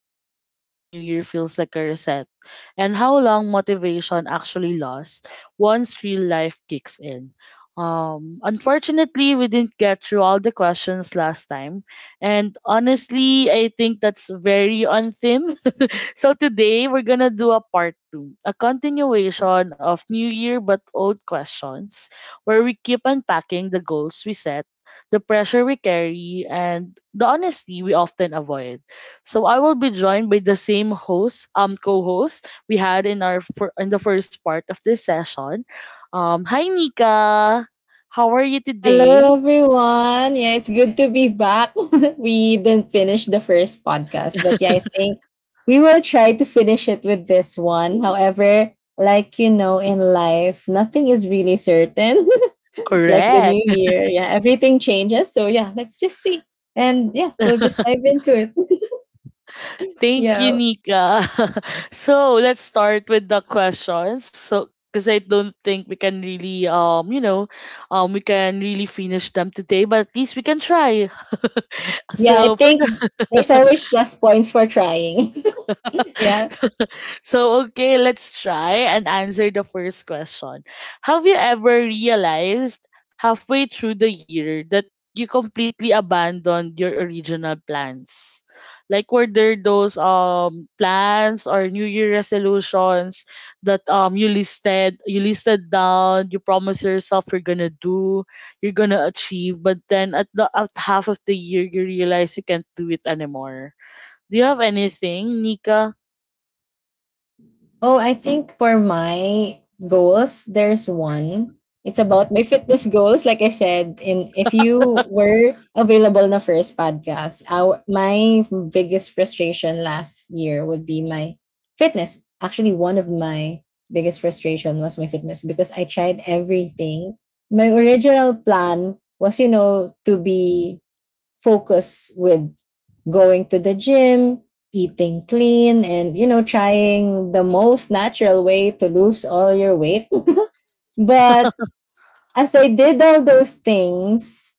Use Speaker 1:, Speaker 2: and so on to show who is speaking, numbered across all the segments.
Speaker 1: about why the new year feels like a reset and how long motivation actually lasts once real life kicks in. Unfortunately, we didn't get through all the questions last time, and honestly, I think that's very on theme, so today we're gonna do a part two, a continuation of new year but old questions, where we keep unpacking the goals we set, the pressure we carry, and the honesty we often avoid. So I will be joined by the same host, co-host we had in our fir- in the first part of this session. Hi Nika, how are you
Speaker 2: Hello,
Speaker 1: today?
Speaker 2: everyone. Yeah, it's good to be back. We didn't finish the first podcast, but yeah, I think we will try to finish it with this one. However, like you know, in life, nothing is really certain. Like the new
Speaker 1: Correct.
Speaker 2: year, yeah, everything changes. So, yeah, let's just see. And yeah, we'll just dive into it.
Speaker 1: Thank you,
Speaker 2: yeah.
Speaker 1: Nika. So let's start with the questions. So because I don't think we can really we can really finish them today, but at least we can try.
Speaker 2: Yeah, I
Speaker 1: So for
Speaker 2: think
Speaker 1: the
Speaker 2: there's always plus points for trying. yeah.
Speaker 1: so, okay, let's try and answer the first question. Have you ever realized halfway through the year that you completely abandoned your original plans? Like, were there those plans or new year resolutions that you listed down, you promised yourself you're gonna do, you're gonna achieve, but then at the at half of the year you realize you can't do it anymore. Do you have anything, Nika?
Speaker 2: Oh, I think for my goals, there's one. It's about my fitness goals. Like I said, in if you were available na first podcast, our, my biggest frustration last year would be my fitness. Actually, one of my biggest frustration was my fitness because I tried everything. My original plan was, you know, to be focus with going to the gym, eating clean, and, you know, trying the most natural way to lose all your weight. But as I did all those things,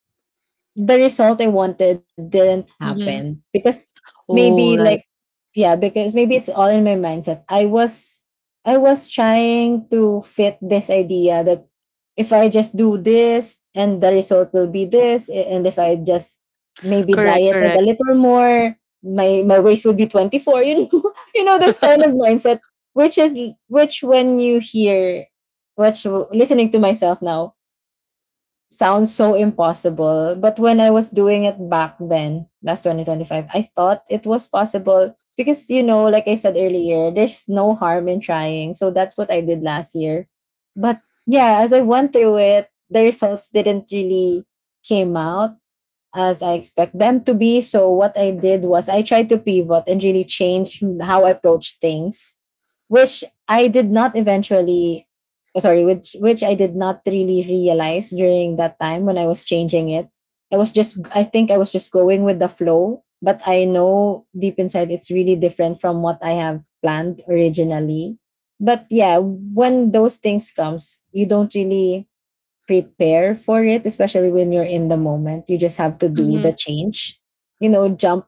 Speaker 2: the result I wanted didn't happen because maybe
Speaker 1: Oh,
Speaker 2: like
Speaker 1: right.
Speaker 2: yeah because maybe it's all in my mindset. I was trying to fit this idea that if I just do this and the result will be this and if I just maybe
Speaker 1: Correct,
Speaker 2: dieted a
Speaker 1: correct.
Speaker 2: little more my waist would be 24, you know. You know, this kind of mindset which is which when you hear which listening to myself now sounds so impossible. But when I was doing it back then, last 2025, I thought it was possible because, you know, like I said earlier, there's no harm in trying. So that's what I did last year. But yeah, as I went through it, the results didn't really came out as I expect them to be. So what I did was I tried to pivot and really change how I approach things which I did not eventually, oh, sorry, which I did not really realize during that time when I was changing it. I was just, I think I was just going with the flow, but I know deep inside it's really different from what I have planned originally. But yeah, when those things comes you don't really prepare for it, especially when you're in the moment you just have to do the
Speaker 1: Mhm.
Speaker 2: change, you know. jump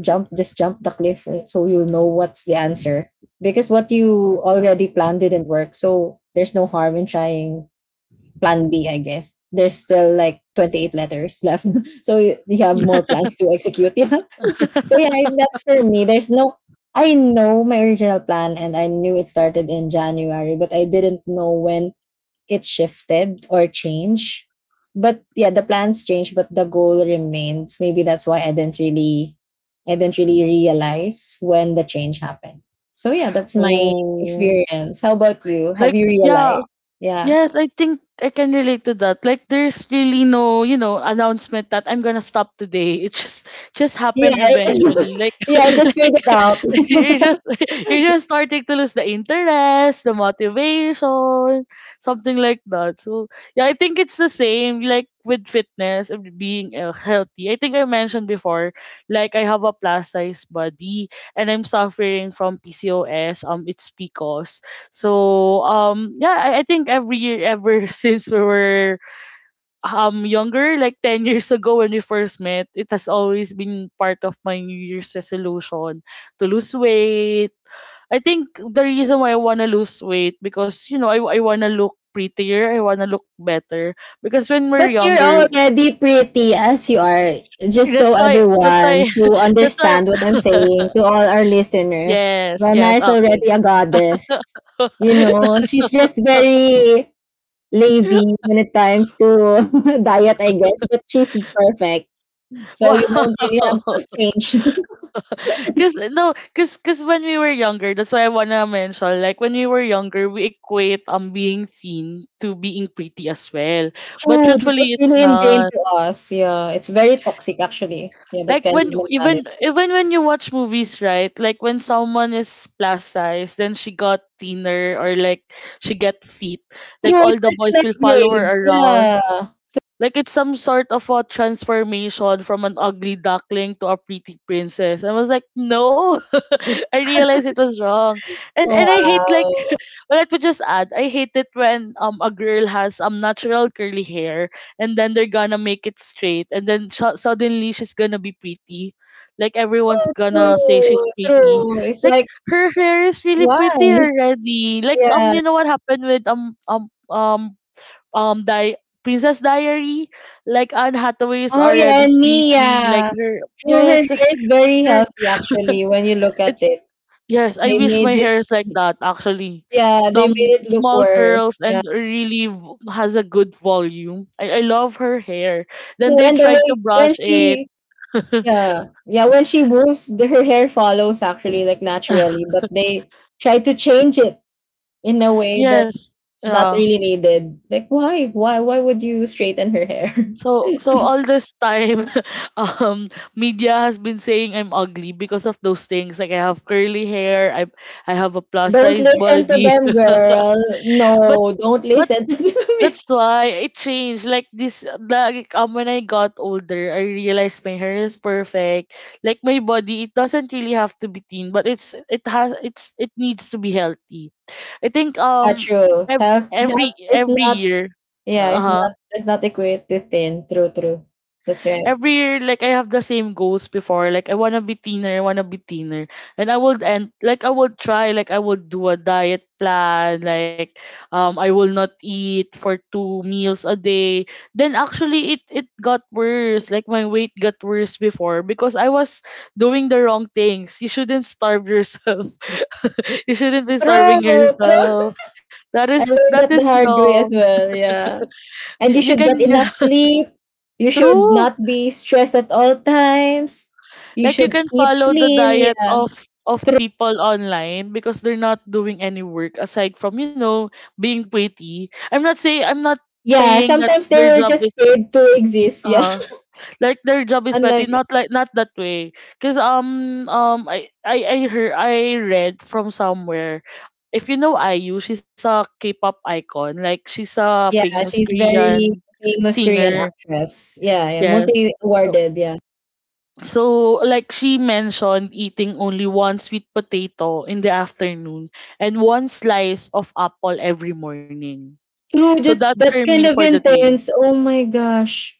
Speaker 2: jump just jump the cliff, eh, so you'll know what's the answer because what you already planned didn't work, so there's no harm in trying plan B, I guess. There's still like 28 letters left. So you have more plans to execute. Yeah, so yeah, I- that's for me, there's no, I know my original plan and I knew it started in January, but I didn't know when it shifted or changed. But yeah, the plans changed, but the goal remains. Maybe that's why I didn't really, I didn't really realize when the change happened. So yeah, that's my
Speaker 1: Oh.
Speaker 2: experience. How about you? Have
Speaker 1: Like,
Speaker 2: you
Speaker 1: yeah,
Speaker 2: realized? Yeah.
Speaker 1: yes, I think I can relate to that. Like, there's really no, you know, announcement that I'm gonna stop today. It just
Speaker 2: Yeah,
Speaker 1: happened
Speaker 2: it just,
Speaker 1: eventually. Like
Speaker 2: yeah, it just
Speaker 1: like
Speaker 2: faded out.
Speaker 1: you're just you're just starting to lose the interest, the motivation, something like that. So yeah, I think it's the same like with fitness and being healthy. I think I mentioned before, like I have a plus size body and I'm suffering from PCOS. It's because so yeah, I think every year ever since we were younger, like 10 years ago when we first met, it has always been part of my New Year's resolution to lose weight. I think the reason why I wanna lose weight because you know I wanna look prettier, I wanna look better. Because when we're
Speaker 2: But you're
Speaker 1: younger,
Speaker 2: already pretty as you are. Just so
Speaker 1: that's why that's
Speaker 2: everyone
Speaker 1: why
Speaker 2: to
Speaker 1: that's why
Speaker 2: understand what I'm saying to all our listeners,
Speaker 1: yes,
Speaker 2: Rana
Speaker 1: yes,
Speaker 2: is already
Speaker 1: okay.
Speaker 2: a goddess. You know, she's just very lazy when it comes to diet, I guess, but she's perfect. So you
Speaker 1: Wow.
Speaker 2: don't really have to change.
Speaker 1: Cause no, cause when we were younger, that's why I wanna mention. Like, when we were younger, we equate being thin to being pretty as well. But
Speaker 2: True, that was
Speaker 1: truthfully, it's
Speaker 2: really ingrained
Speaker 1: not.
Speaker 2: to us. Yeah, it's very toxic actually. Yeah, that
Speaker 1: Like,
Speaker 2: kind of
Speaker 1: when
Speaker 2: mentality.
Speaker 1: even when you watch movies, right? Like when someone is plus size, then she got thinner or like she get fit. Like
Speaker 2: True, it's
Speaker 1: all the
Speaker 2: like
Speaker 1: boys
Speaker 2: an
Speaker 1: will follow her
Speaker 2: upgrade.
Speaker 1: around,
Speaker 2: Yeah.
Speaker 1: like it's some sort of a transformation from an ugly duckling to a pretty princess. I was like, no, I realized it was wrong, and
Speaker 2: Oh,
Speaker 1: I hate like,
Speaker 2: wow.
Speaker 1: well, let me just add, I hate it when a girl has natural curly hair and then they're gonna make it straight and then suddenly she's gonna be pretty, like everyone's gonna say
Speaker 2: True,
Speaker 1: she's pretty,
Speaker 2: true. It's
Speaker 1: like
Speaker 2: like,
Speaker 1: her hair is really
Speaker 2: why?
Speaker 1: pretty already. Like
Speaker 2: Yeah.
Speaker 1: you know what happened with di- Princess Diary. Like Anne Hathaway is
Speaker 2: Oh, yeah,
Speaker 1: already
Speaker 2: and
Speaker 1: pretty. Like
Speaker 2: Nia.
Speaker 1: her,
Speaker 2: True, her
Speaker 1: yes,
Speaker 2: hair is very
Speaker 1: her
Speaker 2: healthy actually when you look at
Speaker 1: it's
Speaker 2: it.
Speaker 1: yes, I
Speaker 2: They
Speaker 1: wish my
Speaker 2: made it,
Speaker 1: hair is like that actually.
Speaker 2: yeah, they made it look
Speaker 1: Small
Speaker 2: worse.
Speaker 1: curls
Speaker 2: Yeah.
Speaker 1: and really has a good volume. I love her hair. Then
Speaker 2: True,
Speaker 1: they
Speaker 2: and the
Speaker 1: tried to
Speaker 2: way when
Speaker 1: brush it.
Speaker 2: she, yeah, yeah, when she moves, the, her hair follows actually like naturally, but they try to change it in a way that's
Speaker 1: Yes.
Speaker 2: not
Speaker 1: Yeah.
Speaker 2: really needed. Like, why? Why? Why would you straighten her hair?
Speaker 1: So, so all this time um media has been saying I'm ugly because of those things, like I have curly hair, I have a plus
Speaker 2: Don't
Speaker 1: size
Speaker 2: listen to
Speaker 1: body.
Speaker 2: them, girl.
Speaker 1: but
Speaker 2: No, don't
Speaker 1: but
Speaker 2: listen to them.
Speaker 1: that's why it changed. Like this, like when I got older, I realized my hair is perfect. Like my body, it doesn't really have to be thin, but it's it has it's it needs to be healthy. I think
Speaker 2: Ah, true.
Speaker 1: every
Speaker 2: Health,
Speaker 1: every
Speaker 2: health is
Speaker 1: every
Speaker 2: not.
Speaker 1: year,
Speaker 2: Yeah,
Speaker 1: uh
Speaker 2: it's
Speaker 1: huh,
Speaker 2: not. It's not equated to thin. True, true. That's right.
Speaker 1: every year like I have the same goals before. Like, I wanna be thinner, I wanna be thinner. And I would and like I would try, like I would do a diet plan, like I will not eat for two meals a day. Then actually it got worse. Like my weight got worse before because I was doing the wrong things. You shouldn't starve yourself. You shouldn't be starving
Speaker 2: True, true.
Speaker 1: yourself. That is
Speaker 2: I learned
Speaker 1: that is
Speaker 2: that the hard way
Speaker 1: wrong.
Speaker 2: as well. Yeah, and
Speaker 1: You,
Speaker 2: you
Speaker 1: you
Speaker 2: should
Speaker 1: can
Speaker 2: get enough sleep. You should
Speaker 1: true.
Speaker 2: not be stressed at all times. You
Speaker 1: Like, you
Speaker 2: should
Speaker 1: can
Speaker 2: eat
Speaker 1: follow the
Speaker 2: clean.
Speaker 1: diet
Speaker 2: Yeah,
Speaker 1: of
Speaker 2: true.
Speaker 1: people online because they're not doing any work aside from, you know, being pretty. I'm not saying, I'm not
Speaker 2: Yeah,
Speaker 1: saying that
Speaker 2: sometimes they
Speaker 1: their
Speaker 2: were
Speaker 1: job
Speaker 2: just
Speaker 1: is
Speaker 2: paid to exist. Yeah,
Speaker 1: uh their job is petty,
Speaker 2: unlike
Speaker 1: not like, not that way. Cause I heard, I read from somewhere if you know IU, she's a K-pop icon. Like she's a
Speaker 2: yeah,
Speaker 1: famous
Speaker 2: she's very
Speaker 1: Korean
Speaker 2: famous Korean
Speaker 1: singer.
Speaker 2: actress. Yeah, yeah,
Speaker 1: Yes. So,
Speaker 2: multi-awarded. Yeah,
Speaker 1: so, like she mentioned, eating only one sweet potato in the afternoon and one slice of apple every morning.
Speaker 2: true.
Speaker 1: So that's
Speaker 2: Just
Speaker 1: her
Speaker 2: that's
Speaker 1: meal
Speaker 2: kind
Speaker 1: for
Speaker 2: of
Speaker 1: the day.
Speaker 2: intense. Oh my gosh.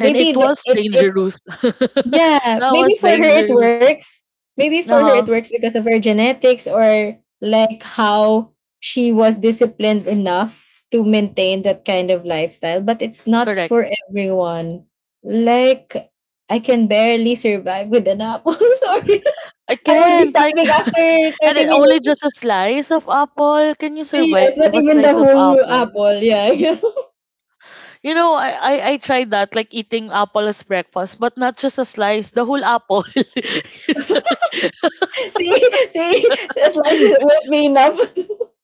Speaker 1: And it
Speaker 2: the,
Speaker 1: was
Speaker 2: it
Speaker 1: dangerous. That
Speaker 2: yeah. Maybe
Speaker 1: was
Speaker 2: for her it
Speaker 1: dangerous.
Speaker 2: works. Maybe for her it
Speaker 1: Uh-huh.
Speaker 2: works because of her genetics or like how she was disciplined enough to maintain that kind of lifestyle. But it's not
Speaker 1: Correct.
Speaker 2: for everyone. Like I can barely survive with an apple. Sorry.
Speaker 1: I
Speaker 2: I would be
Speaker 1: can't. Like,
Speaker 2: starving after
Speaker 1: and
Speaker 2: 30
Speaker 1: only
Speaker 2: minutes.
Speaker 1: just a slice of apple. Can you
Speaker 2: Yeah,
Speaker 1: survive
Speaker 2: it's
Speaker 1: a
Speaker 2: not
Speaker 1: slice
Speaker 2: even
Speaker 1: of
Speaker 2: the whole
Speaker 1: apple?
Speaker 2: apple. Yeah, yeah.
Speaker 1: You know, I tried that, like eating apple as breakfast, but not just a slice, the whole apple. So
Speaker 2: see, see, the slices won't be enough.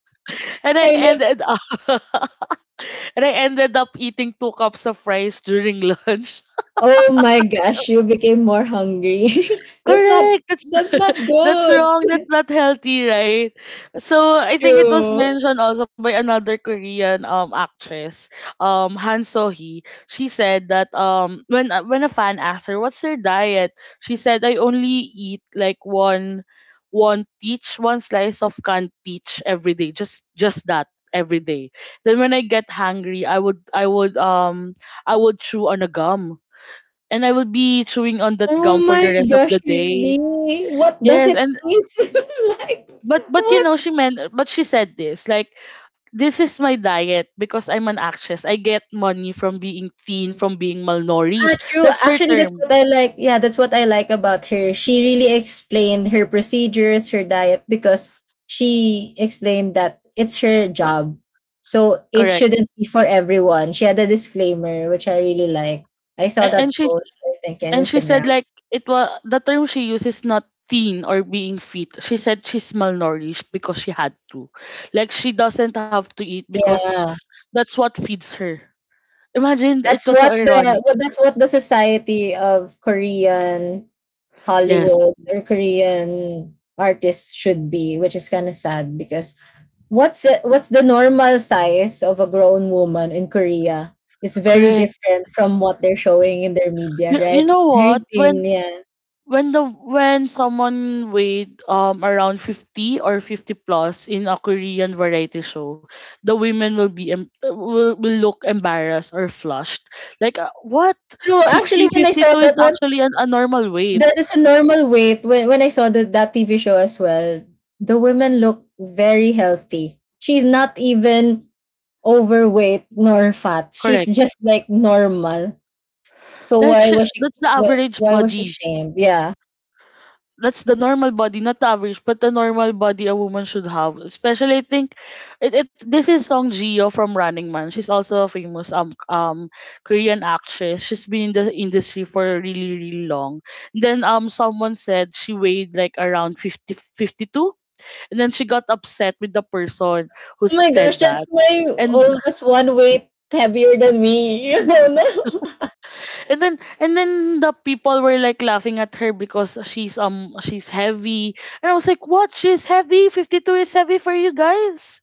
Speaker 1: and I
Speaker 2: I know.
Speaker 1: ended up and I ended up eating two cups of rice during lunch.
Speaker 2: Oh my gosh, you became more hungry. That's not.
Speaker 1: Correct. That's
Speaker 2: That's not
Speaker 1: that's
Speaker 2: good.
Speaker 1: wrong. That's not healthy, right? So I think it was
Speaker 2: True.
Speaker 1: mentioned also by another Korean actress, Han So Hee. She said that when a fan asked her what's her diet, she said I only eat like one peach, one slice of canned peach every day. Just that every day. Then when I get hungry, I would chew on a gum. And I would be chewing on that
Speaker 2: Oh
Speaker 1: gum for
Speaker 2: my
Speaker 1: the rest of
Speaker 2: gosh,
Speaker 1: the day.
Speaker 2: really? What does
Speaker 1: Yes,
Speaker 2: it
Speaker 1: and
Speaker 2: taste like?
Speaker 1: but you
Speaker 2: What?
Speaker 1: know she meant, but she said this like, this is my diet because I'm an actress. I get money from being thin, from being
Speaker 2: Ah,
Speaker 1: malnourished.
Speaker 2: true.
Speaker 1: That's her
Speaker 2: Actually, that's
Speaker 1: term,
Speaker 2: what I like. Yeah, that's what I like about her. She really explained her procedures, her diet, because she explained that it's her job. So it
Speaker 1: correct?
Speaker 2: shouldn't be for everyone. She had a disclaimer, which I really like. I saw
Speaker 1: And
Speaker 2: that
Speaker 1: she's
Speaker 2: post, I think, on
Speaker 1: and she said
Speaker 2: Instagram.
Speaker 1: like, it was the term she uses, not thin or being fit. She said she's malnourished because she had to, like she doesn't have to eat because
Speaker 2: Yeah.
Speaker 1: that's what feeds her. Imagine, it
Speaker 2: That's
Speaker 1: was so
Speaker 2: what the
Speaker 1: ironic.
Speaker 2: what that's what the society of Korean
Speaker 1: Yes,
Speaker 2: Hollywood or Korean artists should be, which is kind of sad because what's the what's the normal size of a grown woman in Korea? It's very
Speaker 1: correct.
Speaker 2: different from what they're showing in their media,
Speaker 1: You,
Speaker 2: right?
Speaker 1: you know
Speaker 2: It's
Speaker 1: what?
Speaker 2: very thin, yeah.
Speaker 1: When the when someone weighed around 50 or 50 plus in a Korean variety show, the women will be will look embarrassed or flushed. Like, what?
Speaker 2: True. Actually,
Speaker 1: Fifty,
Speaker 2: when I
Speaker 1: fifty
Speaker 2: saw
Speaker 1: two is
Speaker 2: that one,
Speaker 1: actually an a normal weight.
Speaker 2: that is a normal weight. When I saw that that TV show as well, the women look very healthy. She's not even overweight nor fat. She's
Speaker 1: Correct.
Speaker 2: just like normal. So
Speaker 1: Like
Speaker 2: why was she
Speaker 1: that's the
Speaker 2: what
Speaker 1: average
Speaker 2: why was she
Speaker 1: body,
Speaker 2: shamed? Yeah.
Speaker 1: that's the normal body, not the average, but the normal body a woman should have. Especially, I think, it this is Song Gio from Running Man. She's also a famous Korean actress. She's been in the industry for really really long. Then someone said she weighed like around 50 52, and then she got upset with the person who
Speaker 2: Oh my
Speaker 1: said
Speaker 2: gosh,
Speaker 1: that.
Speaker 2: that's my
Speaker 1: And
Speaker 2: oldest one weight heavier than me. I don't know.
Speaker 1: And then the people were like laughing at her because she's heavy. And I was like, "What? She's heavy? 52 is heavy for you guys?"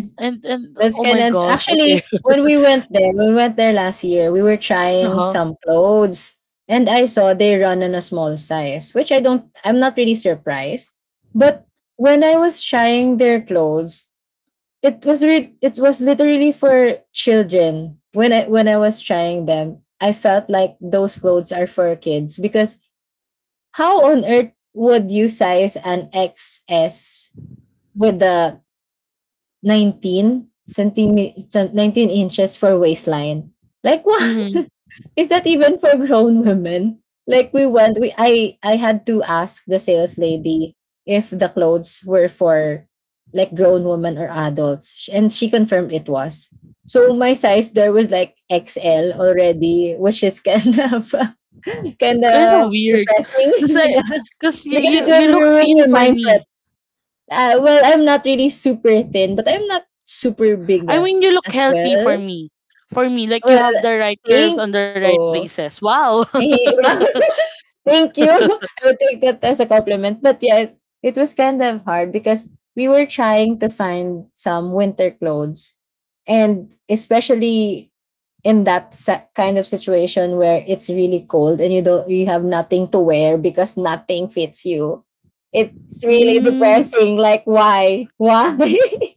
Speaker 1: And oh
Speaker 2: That's
Speaker 1: my
Speaker 2: kind of
Speaker 1: gosh. Okay.
Speaker 2: actually when we went there, when we went there last year, we were trying
Speaker 1: Uh-huh.
Speaker 2: some clothes and I saw they run on a small size, which I don't I'm not really surprised. But when I was trying their clothes, it was re- it was literally for children. When I was trying them, I felt like those clothes are for kids because how on earth would you size an XS with the 19 centimeters, 19 inches for waistline? Like what?
Speaker 1: Mm,
Speaker 2: Is that even for grown women? Like we went, we I had to ask the sales lady if the clothes were for like grown women or adults, sh- and she confirmed it was. So my size there was like XL already, which is kind of kind
Speaker 1: kind of
Speaker 2: of
Speaker 1: weird.
Speaker 2: depressing.
Speaker 1: Cuz I cuz you,
Speaker 2: Because
Speaker 1: you
Speaker 2: it
Speaker 1: you
Speaker 2: will
Speaker 1: look
Speaker 2: ruin
Speaker 1: thin
Speaker 2: your
Speaker 1: for me.
Speaker 2: mindset. Well, I'm not really super thin, but I'm not super big,
Speaker 1: I mean, you look
Speaker 2: as
Speaker 1: healthy for
Speaker 2: well.
Speaker 1: me. For me, like you
Speaker 2: Well,
Speaker 1: have the right curves
Speaker 2: thank
Speaker 1: on the right
Speaker 2: you.
Speaker 1: places. Wow.
Speaker 2: Hey, wow. Thank you. I will take that as a compliment. But yeah, it was kind of hard because we were trying to find some winter clothes. And especially in that se- kind of situation where it's really cold and you don't you have nothing to wear because nothing fits you. It's really
Speaker 1: Mm,
Speaker 2: depressing. Like why? Why?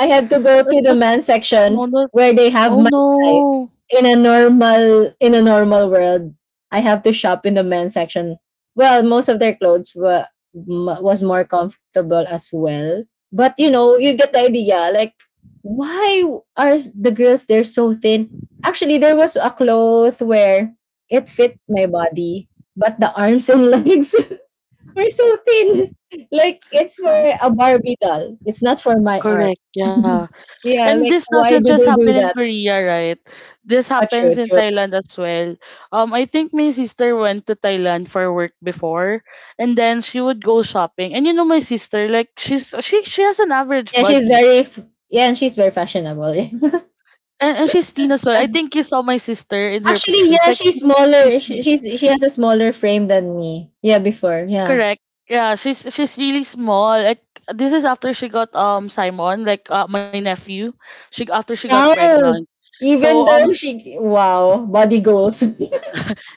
Speaker 2: I had to go
Speaker 1: that,
Speaker 2: to the
Speaker 1: that's
Speaker 2: man
Speaker 1: no,
Speaker 2: section
Speaker 1: that,
Speaker 2: where they have
Speaker 1: oh
Speaker 2: my size.
Speaker 1: no.
Speaker 2: In a normal world, I have to shop in the men's section. Well, most of their clothes were m- was more comfortable as well. But you know, you get the idea. Like, why are s- the girls they're so thin? Actually, there was a cloth where it fit my body, but the arms and legs were so thin. Like it's for a Barbie doll. It's not for my arm.
Speaker 1: Correct. Yeah.
Speaker 2: Yeah,
Speaker 1: And
Speaker 2: like
Speaker 1: this doesn't
Speaker 2: why do
Speaker 1: just
Speaker 2: they
Speaker 1: happen
Speaker 2: do
Speaker 1: in
Speaker 2: that?
Speaker 1: Korea, right? This
Speaker 2: Ah,
Speaker 1: happens
Speaker 2: true,
Speaker 1: in
Speaker 2: true.
Speaker 1: Thailand as well. I think my sister went to Thailand for work before, and then she would go shopping. And you know, my sister, like she has an average
Speaker 2: Yeah, she's
Speaker 1: body,
Speaker 2: very f- yeah, and she's very fashionable.
Speaker 1: and she's thin as well. I
Speaker 2: Uh,
Speaker 1: think you saw my sister in her
Speaker 2: Actually,
Speaker 1: pictures.
Speaker 2: yeah,
Speaker 1: Like
Speaker 2: she's
Speaker 1: she's
Speaker 2: smaller. She,
Speaker 1: thin,
Speaker 2: she's she has a smaller frame than me. Yeah, before. Yeah.
Speaker 1: correct. Yeah, she's really small. Like, this is after she got Simon, like, my nephew. She after she got pregnant.
Speaker 2: Wow.
Speaker 1: So
Speaker 2: Even though
Speaker 1: um
Speaker 2: she wow, body goals.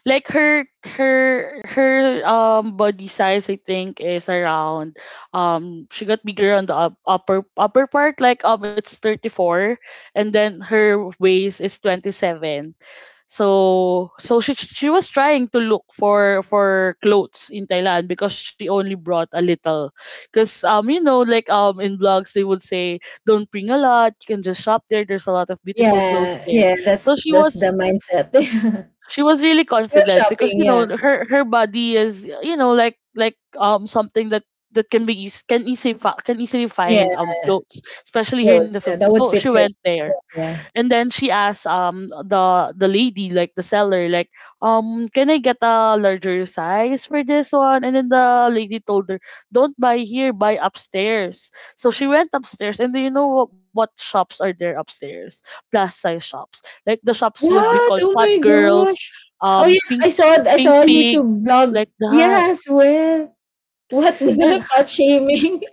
Speaker 1: like her body size I think is around she got bigger on the up, upper upper part, like it's 34, and then her waist is 27. So she was trying to look for clothes in Thailand because she only brought a little, because in vlogs they would say, don't bring a lot, you can just shop there, there's a lot of beautiful clothes
Speaker 2: yeah,
Speaker 1: there.
Speaker 2: yeah,
Speaker 1: So
Speaker 2: that's the mindset.
Speaker 1: she was really
Speaker 2: she was
Speaker 1: confident because,
Speaker 2: shopping,
Speaker 1: you know,
Speaker 2: yeah.
Speaker 1: her body is, you know, like something that that can be eas- can easily fi- can easily
Speaker 2: Yeah,
Speaker 1: find clothes, especially here in
Speaker 2: those.
Speaker 1: the
Speaker 2: Yeah, that
Speaker 1: Philippines.
Speaker 2: would
Speaker 1: So
Speaker 2: fit
Speaker 1: she
Speaker 2: her.
Speaker 1: went there
Speaker 2: Yeah.
Speaker 1: and then she asked the lady, like the seller, like, can I get a larger size for this one? And then the lady told her, don't buy here, buy upstairs. So she went upstairs, and do you know what shops are there upstairs? Plus size shops. Like the shops would be
Speaker 2: What?
Speaker 1: called
Speaker 2: Oh
Speaker 1: Fat
Speaker 2: my
Speaker 1: Girls,
Speaker 2: gosh. Oh
Speaker 1: um,
Speaker 2: yeah,
Speaker 1: Pink
Speaker 2: I saw I
Speaker 1: Pink
Speaker 2: saw a YouTube
Speaker 1: Pigs,
Speaker 2: vlog.
Speaker 1: like that.
Speaker 2: Yes, well. What
Speaker 1: And
Speaker 2: the fat shaming?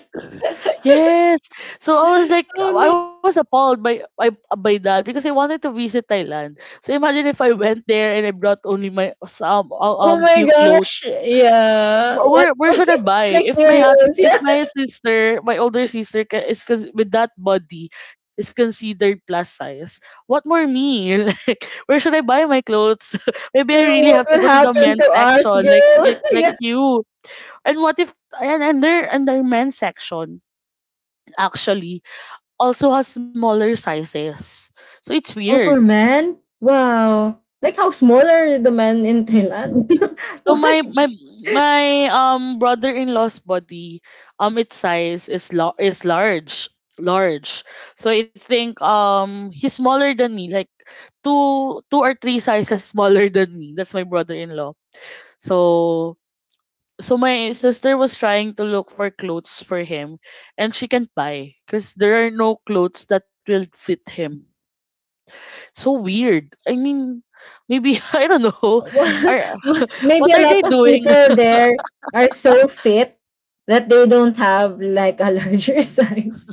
Speaker 1: yes. So I was like,
Speaker 2: Oh
Speaker 1: I
Speaker 2: no.
Speaker 1: was appalled by that because I wanted to visit Thailand. So imagine if I went there and I brought only my some
Speaker 2: Oh my
Speaker 1: few clothes.
Speaker 2: gosh. Yeah.
Speaker 1: Wh-
Speaker 2: What
Speaker 1: Where where
Speaker 2: what
Speaker 1: should I
Speaker 2: an
Speaker 1: buy? If my aunt,
Speaker 2: experience.
Speaker 1: if
Speaker 2: Yeah.
Speaker 1: my sister, my older sister with that body is considered plus size, what more me? Like, where should I buy my clothes? Maybe I
Speaker 2: Through
Speaker 1: really
Speaker 2: what
Speaker 1: have to
Speaker 2: would
Speaker 1: go to the
Speaker 2: happen
Speaker 1: men's
Speaker 2: to us,
Speaker 1: section,
Speaker 2: girl.
Speaker 1: like
Speaker 2: yeah.
Speaker 1: you. And what if and, and their men's section, actually, also has smaller sizes. So it's
Speaker 2: Oh,
Speaker 1: weird.
Speaker 2: for men? Wow. Like how small are the men in Thailand?
Speaker 1: So my
Speaker 2: what?
Speaker 1: my my um brother-in-law's body, its size is large, large. So I think he's smaller than me, like two or three sizes smaller than me. That's my brother-in-law. So my sister was trying to look for clothes for him, and she can't buy because there are no clothes that will fit him. So weird. I mean, maybe I don't know. Are
Speaker 2: What? Maybe
Speaker 1: What
Speaker 2: a
Speaker 1: are
Speaker 2: lot
Speaker 1: they
Speaker 2: of
Speaker 1: doing?
Speaker 2: people there are so fit that they don't have like a larger size.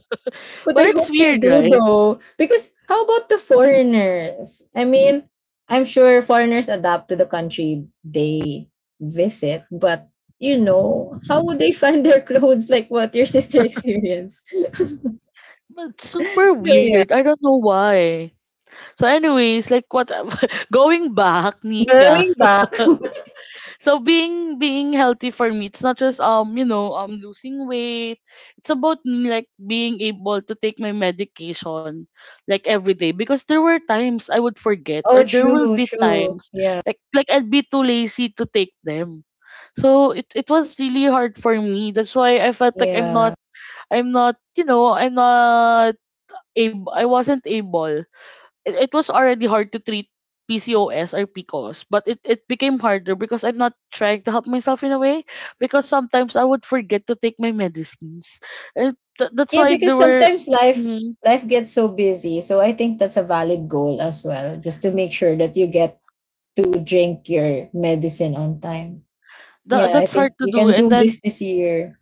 Speaker 2: But
Speaker 1: But
Speaker 2: I
Speaker 1: it's
Speaker 2: hope they
Speaker 1: weird,
Speaker 2: do
Speaker 1: right?
Speaker 2: though. Because how about the foreigners? I mean, I'm sure foreigners adapt to the country they visit, but you know, how would they find their clothes like what your sister experienced?
Speaker 1: But super
Speaker 2: So yeah.
Speaker 1: weird. I don't know why. So, anyways, like what? Going back, Nika.
Speaker 2: Going back.
Speaker 1: So being healthy for me, it's not just losing weight. It's about me, like, being able to take my medication like every day, because there were times I would forget,
Speaker 2: Oh
Speaker 1: or there will
Speaker 2: true,
Speaker 1: be
Speaker 2: true.
Speaker 1: times
Speaker 2: Yeah.
Speaker 1: like I'd be too lazy to take them. So it was really hard for me. That's why I felt like
Speaker 2: Yeah.
Speaker 1: I'm not able I wasn't able. It was already hard to treat PCOS or PCOS, but it became harder because I'm not trying to help myself in a way, because sometimes I would forget to take my medicines. And that's
Speaker 2: Yeah,
Speaker 1: why
Speaker 2: because
Speaker 1: there were,
Speaker 2: sometimes life
Speaker 1: mm,
Speaker 2: life gets so busy. So I think that's a valid goal as well. Just to make sure that you get to drink your medicine on time. Yeah, I
Speaker 1: that's hard
Speaker 2: think
Speaker 1: to
Speaker 2: you
Speaker 1: do.
Speaker 2: can
Speaker 1: And
Speaker 2: do
Speaker 1: then
Speaker 2: this year.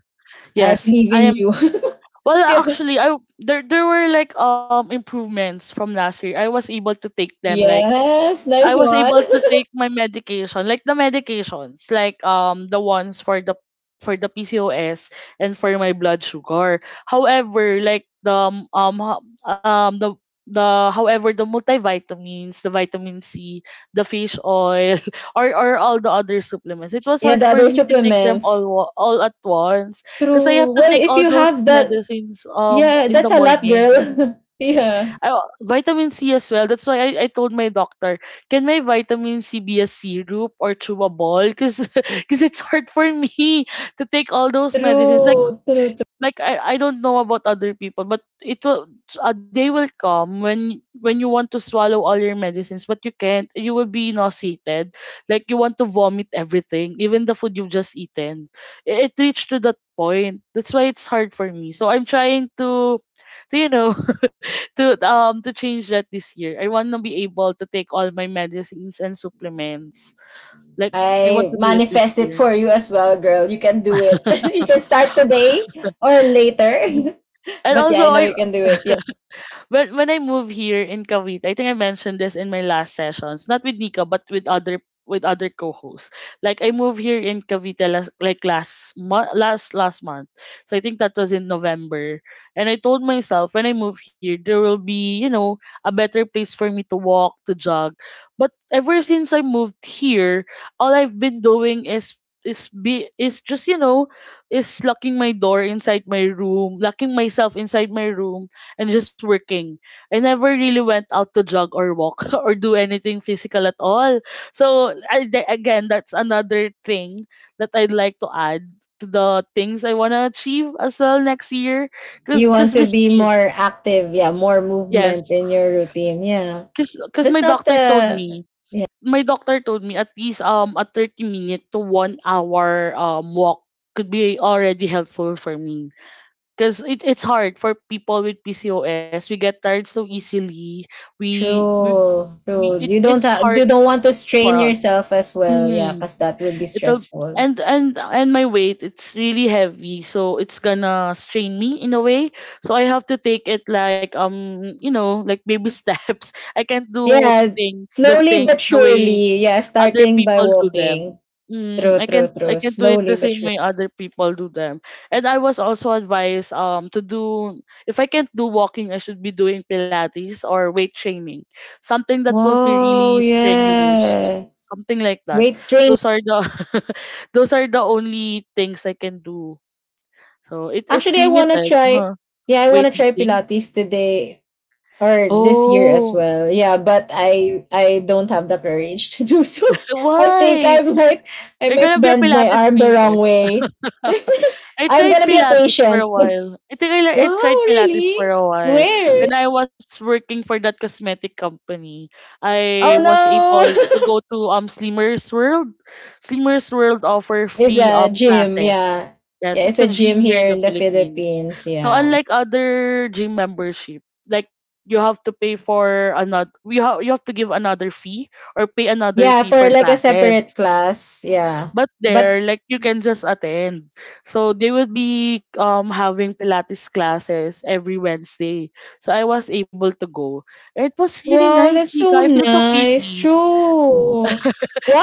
Speaker 2: I
Speaker 1: yes,
Speaker 2: believe
Speaker 1: I
Speaker 2: in
Speaker 1: am,
Speaker 2: you.
Speaker 1: well,
Speaker 2: Yeah.
Speaker 1: actually, I there there were like improvements from last year. I was able to take them, like,
Speaker 2: Yes,
Speaker 1: I
Speaker 2: nice
Speaker 1: was
Speaker 2: one.
Speaker 1: able to take my medication, like the medications, like the ones for the PCOS and for my blood sugar. However, like the ho- the however the multivitamins, the vitamin C, the fish oil, or all the other supplements, it was
Speaker 2: Yeah,
Speaker 1: hard
Speaker 2: the
Speaker 1: for
Speaker 2: other
Speaker 1: me to take them
Speaker 2: supplements.
Speaker 1: all at once, because I have
Speaker 2: True.
Speaker 1: to
Speaker 2: Well,
Speaker 1: take
Speaker 2: if
Speaker 1: all
Speaker 2: you
Speaker 1: those
Speaker 2: have that,
Speaker 1: medicines
Speaker 2: yeah,
Speaker 1: in the
Speaker 2: that's a lot,
Speaker 1: morning.
Speaker 2: girl. Yeah.
Speaker 1: I, vitamin C as well. That's why I told my doctor, can my vitamin C be a syrup or chewable? Because it's hard for me to take all those medicines. Like
Speaker 2: True, true, true.
Speaker 1: I don't know about other people, but it will, a day will come when you want to swallow all your medicines, but you can't. You will be nauseated. Like you want to vomit everything, even the food you've just eaten. It reached to that point. That's why it's hard for me. So I'm trying to, you know, to change that this year. I want to be able to take all my medicines and supplements. Like I want
Speaker 2: I
Speaker 1: to do it this
Speaker 2: manifest it
Speaker 1: year.
Speaker 2: for you as well, girl. You can do it. You can start today or later.
Speaker 1: And
Speaker 2: But
Speaker 1: also
Speaker 2: yeah, I know
Speaker 1: I,
Speaker 2: you can do it. Yeah.
Speaker 1: when I moved here in Cavite, I think I mentioned this in my last sessions, not with Nika but with other co-hosts. Like I moved here in Cavite last, like last month, last month. So I think that was in November, and I told myself, when I move here there will be, you know, a better place for me to walk, to jog. But ever since I moved here, all I've been doing is be is just, you know, is locking my door inside my room, locking myself inside my room and just working. I never really went out to jog or walk or do anything physical at all. So again, that's another thing that I'd like to add to the things I want to achieve as well next year. Cause,
Speaker 2: You
Speaker 1: cause
Speaker 2: want to
Speaker 1: this
Speaker 2: be
Speaker 1: year,
Speaker 2: more active. Yeah, more
Speaker 1: yes,
Speaker 2: movement in your routine. Yeah.
Speaker 1: cause my
Speaker 2: That's not
Speaker 1: doctor told
Speaker 2: the,
Speaker 1: me,
Speaker 2: yeah.
Speaker 1: my doctor told me at least a 30 minute to 1 hour walk could be already helpful for me, because it's hard for people with PCOS. We get tired so easily. We we,
Speaker 2: True,
Speaker 1: we
Speaker 2: true.
Speaker 1: it,
Speaker 2: You don't
Speaker 1: it's
Speaker 2: have
Speaker 1: hard
Speaker 2: you don't want to
Speaker 1: for
Speaker 2: strain
Speaker 1: us.
Speaker 2: yourself as well, yeah,
Speaker 1: Mhm.
Speaker 2: because that would be
Speaker 1: It'll,
Speaker 2: stressful.
Speaker 1: and my weight, it's really heavy, so it's gonna strain me in a way, so I have to take it like, baby steps. I can't do
Speaker 2: Yeah,
Speaker 1: things the
Speaker 2: slowly
Speaker 1: thing
Speaker 2: but
Speaker 1: the way
Speaker 2: surely. Yeah,
Speaker 1: other
Speaker 2: starting by
Speaker 1: people do them.
Speaker 2: walking.
Speaker 1: Mm,
Speaker 2: True,
Speaker 1: I
Speaker 2: true,
Speaker 1: can't, I
Speaker 2: true.
Speaker 1: can't do it the
Speaker 2: Slowly but
Speaker 1: same
Speaker 2: surely.
Speaker 1: way other people do them. And I was also advised to do, if I can't do walking I should be doing Pilates or weight training, something that won't be
Speaker 2: Wow,
Speaker 1: really strenuous,
Speaker 2: yeah.
Speaker 1: something like that.
Speaker 2: Weight training.
Speaker 1: those are the Those are the only things I can do. So it's
Speaker 2: Actually, I wanna
Speaker 1: limited,
Speaker 2: try.
Speaker 1: uh-huh.
Speaker 2: Yeah, I wanna try
Speaker 1: Weightlifting?
Speaker 2: Pilates today or this year as
Speaker 1: Oh,
Speaker 2: well. Yeah, but I don't have the courage to do so. I think I
Speaker 1: why?
Speaker 2: might I
Speaker 1: You're
Speaker 2: might
Speaker 1: gonna be a
Speaker 2: bend my
Speaker 1: Pilates
Speaker 2: arm the wrong
Speaker 1: princess.
Speaker 2: way.
Speaker 1: I
Speaker 2: I'm
Speaker 1: tried
Speaker 2: gonna be a
Speaker 1: Pilates for a
Speaker 2: patient.
Speaker 1: while. I think I
Speaker 2: Wow,
Speaker 1: tried Pilates for
Speaker 2: really?
Speaker 1: a while.
Speaker 2: Where?
Speaker 1: When I was working for that cosmetic company, I
Speaker 2: Oh
Speaker 1: was able
Speaker 2: no!
Speaker 1: to go to Slimmers World. Slimmers World offer
Speaker 2: It's
Speaker 1: free
Speaker 2: a gym.
Speaker 1: classes.
Speaker 2: Yeah, yeah.
Speaker 1: Yes,
Speaker 2: It's
Speaker 1: it's a
Speaker 2: a
Speaker 1: gym
Speaker 2: gym
Speaker 1: here in
Speaker 2: here
Speaker 1: the
Speaker 2: in the
Speaker 1: Philippines.
Speaker 2: Philippines.
Speaker 1: So
Speaker 2: Yeah,
Speaker 1: unlike other gym membership, like you have to pay for another, you have to give another fee or pay another
Speaker 2: yeah.
Speaker 1: fee
Speaker 2: For
Speaker 1: for
Speaker 2: like a separate
Speaker 1: classes.
Speaker 2: class. Yeah,
Speaker 1: But
Speaker 2: but
Speaker 1: there, like, you can just attend. So they will be having Pilates classes every Wednesday. So I was able to go. It was really
Speaker 2: wow,
Speaker 1: nice,
Speaker 2: that's
Speaker 1: Nika.
Speaker 2: so
Speaker 1: I feel so
Speaker 2: nice.
Speaker 1: pretty.
Speaker 2: True.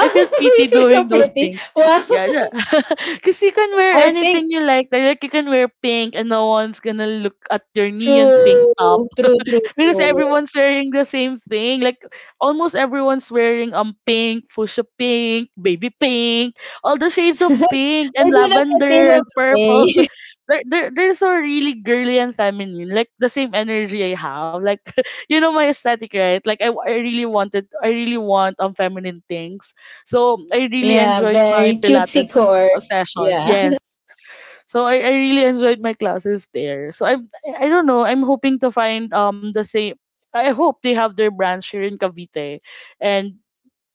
Speaker 1: I feel
Speaker 2: you
Speaker 1: pretty
Speaker 2: feel so
Speaker 1: doing those
Speaker 2: pretty.
Speaker 1: things.
Speaker 2: Wow,
Speaker 1: Yeah, yeah. Cause you can wear
Speaker 2: I think
Speaker 1: anything you like. Like you can wear pink and no one's gonna look at your neon pink
Speaker 2: true,
Speaker 1: top,
Speaker 2: true, true,
Speaker 1: because
Speaker 2: true.
Speaker 1: everyone's wearing the same thing. Like almost everyone's wearing pink, fuchsia pink, baby pink, all the shades of
Speaker 2: Maybe
Speaker 1: pink and
Speaker 2: that's the theme
Speaker 1: lavender
Speaker 2: of
Speaker 1: and
Speaker 2: the
Speaker 1: purple.
Speaker 2: day.
Speaker 1: They're so really girly and feminine. Like the same energy I have. Like, you know my aesthetic, right? Like I really want feminine things. So I really
Speaker 2: Yeah,
Speaker 1: enjoyed my
Speaker 2: very cutesy
Speaker 1: Pilates
Speaker 2: core.
Speaker 1: sessions.
Speaker 2: Yeah,
Speaker 1: Yes. So I really enjoyed my classes there. So I don't know. I'm hoping to find the same. I hope they have their branch here in Cavite, and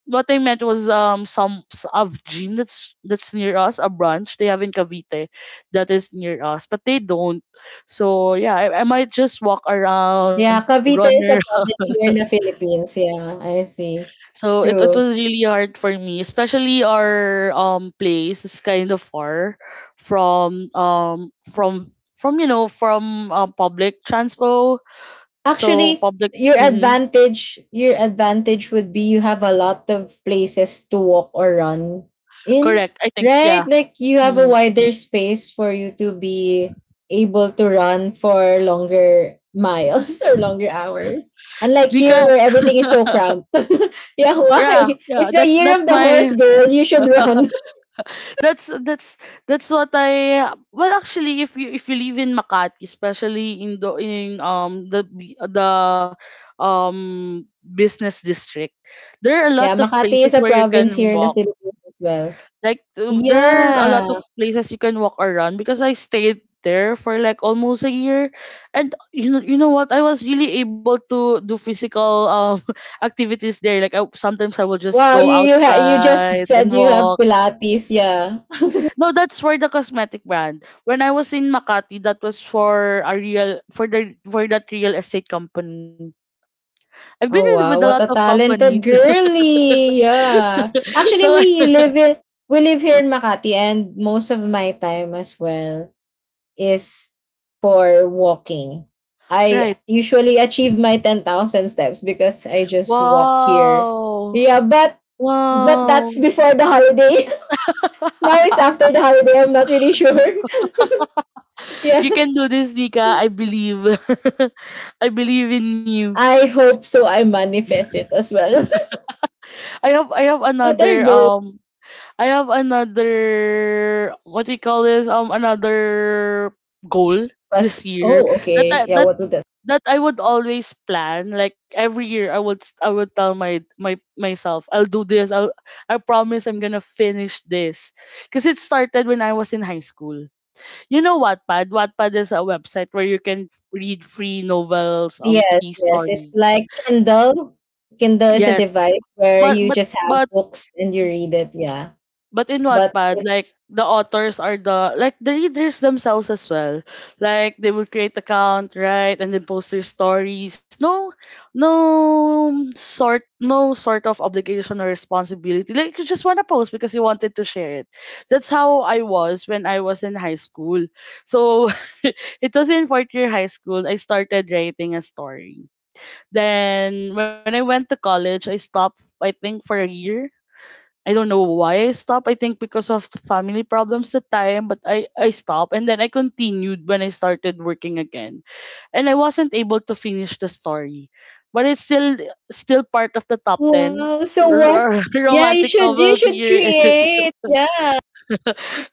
Speaker 1: what I meant was some s- of gym that's near us, a branch they have in Cavite that is near us, but they don't. So yeah, I might just walk around,
Speaker 2: yeah.
Speaker 1: run.
Speaker 2: Cavite is a province here in the Philippines. Yeah, I see.
Speaker 1: So it
Speaker 2: True.
Speaker 1: was really hard for me, especially our place is kind of far from public transpo. So
Speaker 2: Actually,
Speaker 1: public,
Speaker 2: your
Speaker 1: mhm,
Speaker 2: advantage, your advantage would be you have a lot of places to walk or run in,
Speaker 1: correct. I think
Speaker 2: right?
Speaker 1: yeah.
Speaker 2: Like you have a
Speaker 1: Mm.
Speaker 2: wider space for you to be able to run for longer miles or longer hours. Unlike here
Speaker 1: Nika,
Speaker 2: where everything is so cramped. Yeah,
Speaker 1: yeah,
Speaker 2: why?
Speaker 1: yeah.
Speaker 2: It's the year
Speaker 1: That's
Speaker 2: of the horse,
Speaker 1: my
Speaker 2: girl. You should run.
Speaker 1: That's that's that's what I Well, actually, if you live in Makati, especially in the business district, there are a lot
Speaker 2: Yeah,
Speaker 1: of
Speaker 2: Makati is
Speaker 1: places
Speaker 2: a
Speaker 1: where you can
Speaker 2: province here in the
Speaker 1: walk,
Speaker 2: Philippines as well.
Speaker 1: like, there are a lot of
Speaker 2: Yeah.
Speaker 1: places you can walk around, because I stayed there for like almost a year, and you know, you know what, I was really able to do physical activities there. Like sometimes I will just
Speaker 2: Wow,
Speaker 1: go
Speaker 2: you just
Speaker 1: outside and
Speaker 2: said you have
Speaker 1: walk.
Speaker 2: Pilates, yeah.
Speaker 1: No, that's for the cosmetic brand. When I was in Makati, that was for a real, for the, for that real estate company. I've been
Speaker 2: Oh
Speaker 1: with a
Speaker 2: wow,
Speaker 1: lot
Speaker 2: what
Speaker 1: of
Speaker 2: a
Speaker 1: companies.
Speaker 2: talented girly. Yeah. Actually,
Speaker 1: so I-
Speaker 2: we live here in Makati, and most of my time as well is for walking.
Speaker 1: right.
Speaker 2: I usually achieve my 10,000 steps because I just walk here.
Speaker 1: Wow.
Speaker 2: Yeah, but that's
Speaker 1: Wow.
Speaker 2: before the holiday. Now it's after the holiday. I'm not really sure. Yeah.
Speaker 1: you can do this, Nika. I believe. I believe in you.
Speaker 2: I hope so. I manifest it as well.
Speaker 1: I have, I have
Speaker 2: What are
Speaker 1: another
Speaker 2: those
Speaker 1: what do you call this? Another goal this
Speaker 2: question?
Speaker 1: year
Speaker 2: Oh,
Speaker 1: that
Speaker 2: okay. Yeah, what would that?
Speaker 1: that I would always plan. Like every year, I would, I would tell my my myself, I'll do this. I'll, I promise I'm gonna finish this, because it started when I was in high school. You know Wattpad? Wattpad is a website where you can read free novels,
Speaker 2: Yes,
Speaker 1: free
Speaker 2: yes. It's
Speaker 1: stories.
Speaker 2: like Kindle. Kindle is a
Speaker 1: Yes,
Speaker 2: device where
Speaker 1: but
Speaker 2: you
Speaker 1: but
Speaker 2: just have
Speaker 1: but
Speaker 2: books and you read it. Yeah,
Speaker 1: but in
Speaker 2: but
Speaker 1: Wattpad, like
Speaker 2: it's
Speaker 1: the authors are the, like, the readers themselves as well. Like they will create account, right, and then post their stories. No, no sort of obligation or responsibility. Like you just wanna post because you wanted to share it. That's how I was when I was in high school. So it was in fourth year high school. I started writing a story. Then when I went to college, I stopped. I think for a year I don't know why I stopped. I think because of the family problems at the time, but I stopped and then I continued when I started working again. And I wasn't able to finish the story. But it's still still part of the top ten
Speaker 2: wow. So what? Yeah, you
Speaker 1: romantic
Speaker 2: should you
Speaker 1: novels
Speaker 2: should
Speaker 1: here.
Speaker 2: create. Yeah,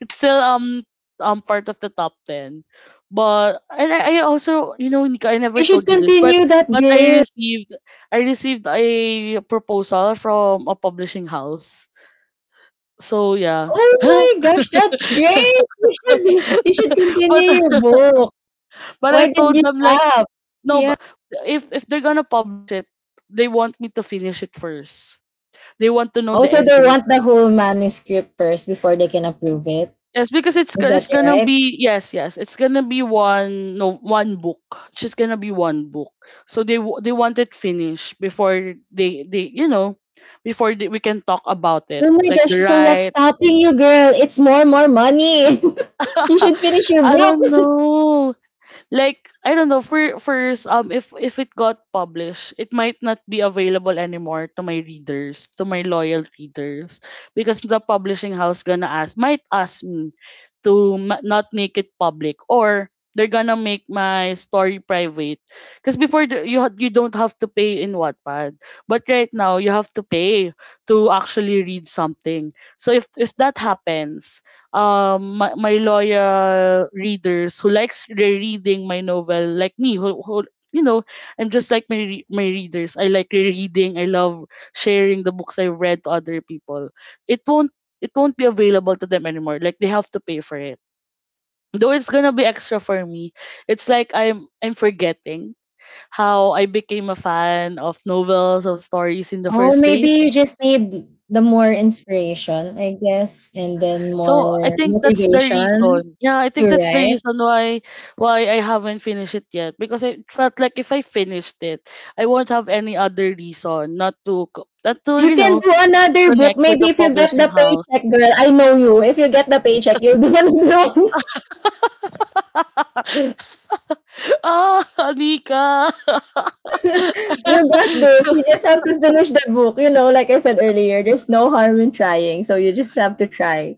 Speaker 1: It's still part of the top ten. But and I also, you know, Nika, I never
Speaker 2: you should
Speaker 1: told you this, but
Speaker 2: continue that
Speaker 1: but I
Speaker 2: girl.
Speaker 1: received I received a proposal from a publishing house, so yeah.
Speaker 2: Oh my gosh, that's great. You should
Speaker 1: but
Speaker 2: continue your book.
Speaker 1: but I
Speaker 2: Why did
Speaker 1: told
Speaker 2: you
Speaker 1: them, like,
Speaker 2: stop?
Speaker 1: no,
Speaker 2: Yeah.
Speaker 1: but if they're gonna publish it, they want me to finish it first. They want to know the
Speaker 2: Also, they
Speaker 1: ending
Speaker 2: want the
Speaker 1: first.
Speaker 2: whole manuscript first before they can approve it.
Speaker 1: Yes, because
Speaker 2: Is that
Speaker 1: it's gonna
Speaker 2: right?
Speaker 1: be, yes, yes, it's gonna be one no one book. It's just gonna be one book. So they want it finished before they you know before we can talk about it
Speaker 2: Oh my
Speaker 1: like
Speaker 2: gosh,
Speaker 1: the
Speaker 2: so what's
Speaker 1: right.
Speaker 2: stopping you, girl? It's more, more money. You should finish your
Speaker 1: I
Speaker 2: book.
Speaker 1: don't know. Like I don't know, for if it got published, it might not be available anymore to my readers, to my loyal readers, because the publishing house gonna ask might ask me not make it public, or they're gonna make my story private because before you don't have to pay in Wattpad, but right now you have to pay to actually read something. So if that happens, my loyal readers who likes rereading my novel like me, who, you know, I'm just like my readers, I like rereading. I love sharing the books I've read to other people. it won't it won't be available to them anymore. Like they have to pay for it, though it's gonna be extra for me. It's like I'm forgetting how I became a fan of novels, of stories in the
Speaker 2: Oh,
Speaker 1: first
Speaker 2: maybe
Speaker 1: place.
Speaker 2: you just need the more inspiration, I guess, and then
Speaker 1: So I
Speaker 2: more
Speaker 1: think that's the
Speaker 2: motivation
Speaker 1: reason. Yeah, I
Speaker 2: to
Speaker 1: think that's the
Speaker 2: write.
Speaker 1: reason why I haven't finished it yet, because I felt like if I finished it, I won't have any other reason not to not to,
Speaker 2: You
Speaker 1: you
Speaker 2: can
Speaker 1: know,
Speaker 2: do another book.
Speaker 1: connect with
Speaker 2: Maybe
Speaker 1: the
Speaker 2: if you get
Speaker 1: publishing
Speaker 2: the
Speaker 1: house.
Speaker 2: paycheck, girl, I know you. If you get the paycheck, you're gonna know.
Speaker 1: Ah, Anika.
Speaker 2: You got this. You just have to finish the book. You know, like I said earlier, there's no harm in trying. So you just have to try,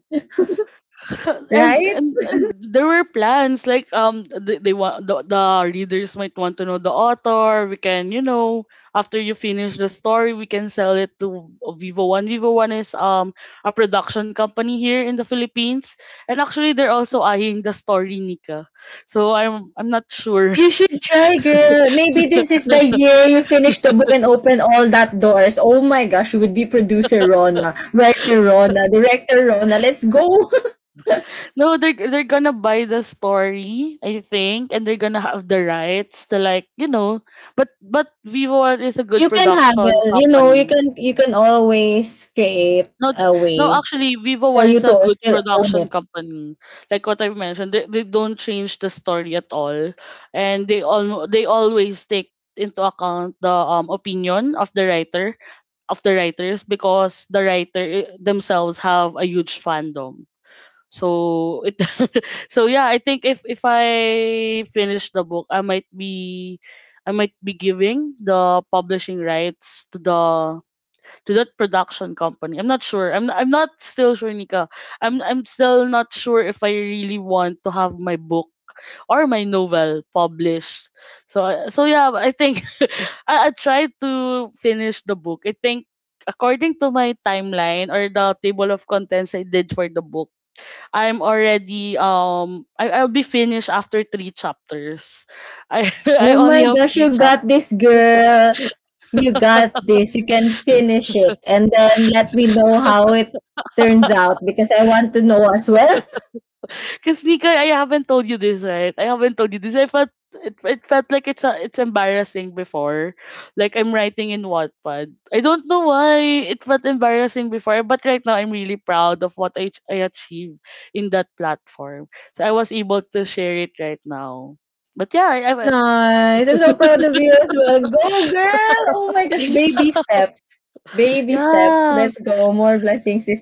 Speaker 1: and,
Speaker 2: right?
Speaker 1: and and there were plans, like, they want the readers might want to know the author. We can, you know, after you finish the story, we can sell it to Vivo One. Vivo One is a production company here in the Philippines, and actually they're also eyeing the story, Nika. So I'm not sure.
Speaker 2: You should try, girl. Maybe this is the year you finish the book and open all that doors. Oh my gosh, you would be producer Rona, writer Rona, director Rona. Let's go.
Speaker 1: No, they're gonna buy the story, I think, and they're gonna have the rights to, like, you know, but Vivo One is a good
Speaker 2: You can
Speaker 1: production
Speaker 2: haggle. You know, you
Speaker 1: company.
Speaker 2: can you can always create
Speaker 1: No,
Speaker 2: a
Speaker 1: no,
Speaker 2: way
Speaker 1: actually, Vivo
Speaker 2: for
Speaker 1: One
Speaker 2: you
Speaker 1: is a
Speaker 2: to
Speaker 1: good
Speaker 2: still own
Speaker 1: production
Speaker 2: it.
Speaker 1: company. Like what I've mentioned, they don't change the story at all, and they always take into account the opinion of the writer, of the writers, because the writer I- themselves have a huge fandom. So it— so yeah, I think if I finish the book, I might be— I might be giving the publishing rights to the— to that production company. I'm not sure. I'm not still sure, Nika. I'm still not sure if I really want to have my book or my novel published. So yeah, I think I tried to finish the book. I think, according to my timeline or the table of contents I did for the book, I'm already I'll be finished after three chapters. I
Speaker 2: Oh
Speaker 1: only
Speaker 2: my
Speaker 1: have
Speaker 2: gosh,
Speaker 1: three
Speaker 2: you got
Speaker 1: chapters.
Speaker 2: this, girl. You got this. You can finish it, and then let me know how it turns out because I want to know as well.
Speaker 1: Because Nika, I haven't told you this, right? I haven't told you this. I felt it felt like it's embarrassing before. Like I'm writing in Wattpad. I don't know why it felt embarrassing before, but right now I'm really proud of what I achieved in that platform. So I was able to share it right now. But yeah, I— I
Speaker 2: Nice. I'm so proud of you as well. Go, girl! Oh my gosh, baby steps. Baby steps.
Speaker 1: yeah.
Speaker 2: Let's go. More blessings this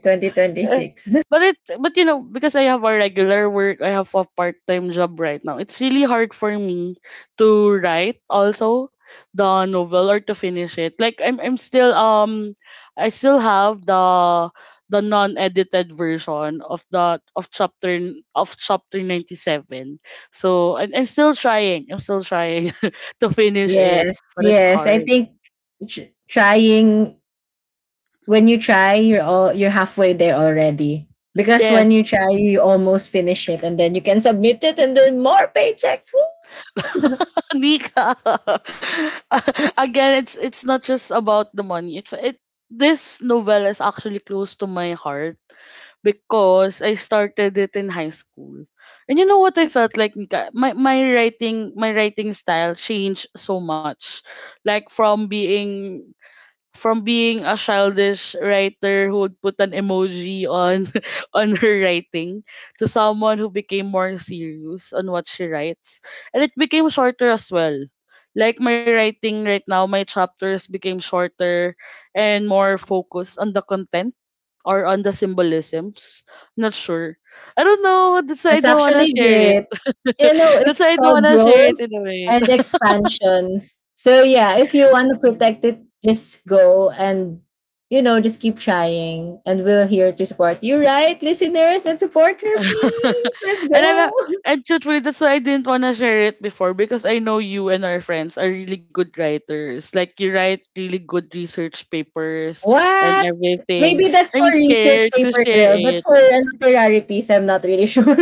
Speaker 1: Eh,
Speaker 2: 2026.
Speaker 1: but but you know, because I have a regular work, I have a part-time job right now. It's really hard for me to write also the novel or to finish it. Like I'm still I still have the non-edited version of the of chapter 97. So and I'm still trying to finish it,
Speaker 2: Yes,
Speaker 1: but it's
Speaker 2: yes. I
Speaker 1: hard.
Speaker 2: think tr- trying when you try, you're all you're halfway there already. Because
Speaker 1: Yes.
Speaker 2: when you try, you almost finish it, and then you can submit it, and then more paychecks. Woo!
Speaker 1: Nika. Again, it's not just about the money. It's it This novel is actually close to my heart because I started it in high school. And you know what I felt like, Nika? My writing style changed so much. Like from being— from being a childish writer who would put an emoji on on her writing to someone who became more serious on what she writes. And it became shorter as well. Like my writing right now, my chapters became shorter and more focused on the content or on the symbolisms. Not sure. I don't know, that's why I
Speaker 2: That's
Speaker 1: don't want to
Speaker 2: actually
Speaker 1: share it.
Speaker 2: great. You know,
Speaker 1: That's
Speaker 2: it's
Speaker 1: why I don't want
Speaker 2: called
Speaker 1: to share it
Speaker 2: growth
Speaker 1: in a way.
Speaker 2: and expansion. So yeah, if you want to protect it, just go and you know, just keep trying and we're here to support you, right, listeners? Let's support her, please. Let's
Speaker 1: and I'm a-
Speaker 2: go.
Speaker 1: and truthfully, that's why I didn't wanna share it before because I know you and our friends are really good writers. Like you write really good research papers and
Speaker 2: What?
Speaker 1: everything.
Speaker 2: Maybe that's for
Speaker 1: I'm
Speaker 2: research
Speaker 1: scared to
Speaker 2: paper
Speaker 1: share
Speaker 2: girl, but
Speaker 1: it.
Speaker 2: for a literary piece, I'm not really sure.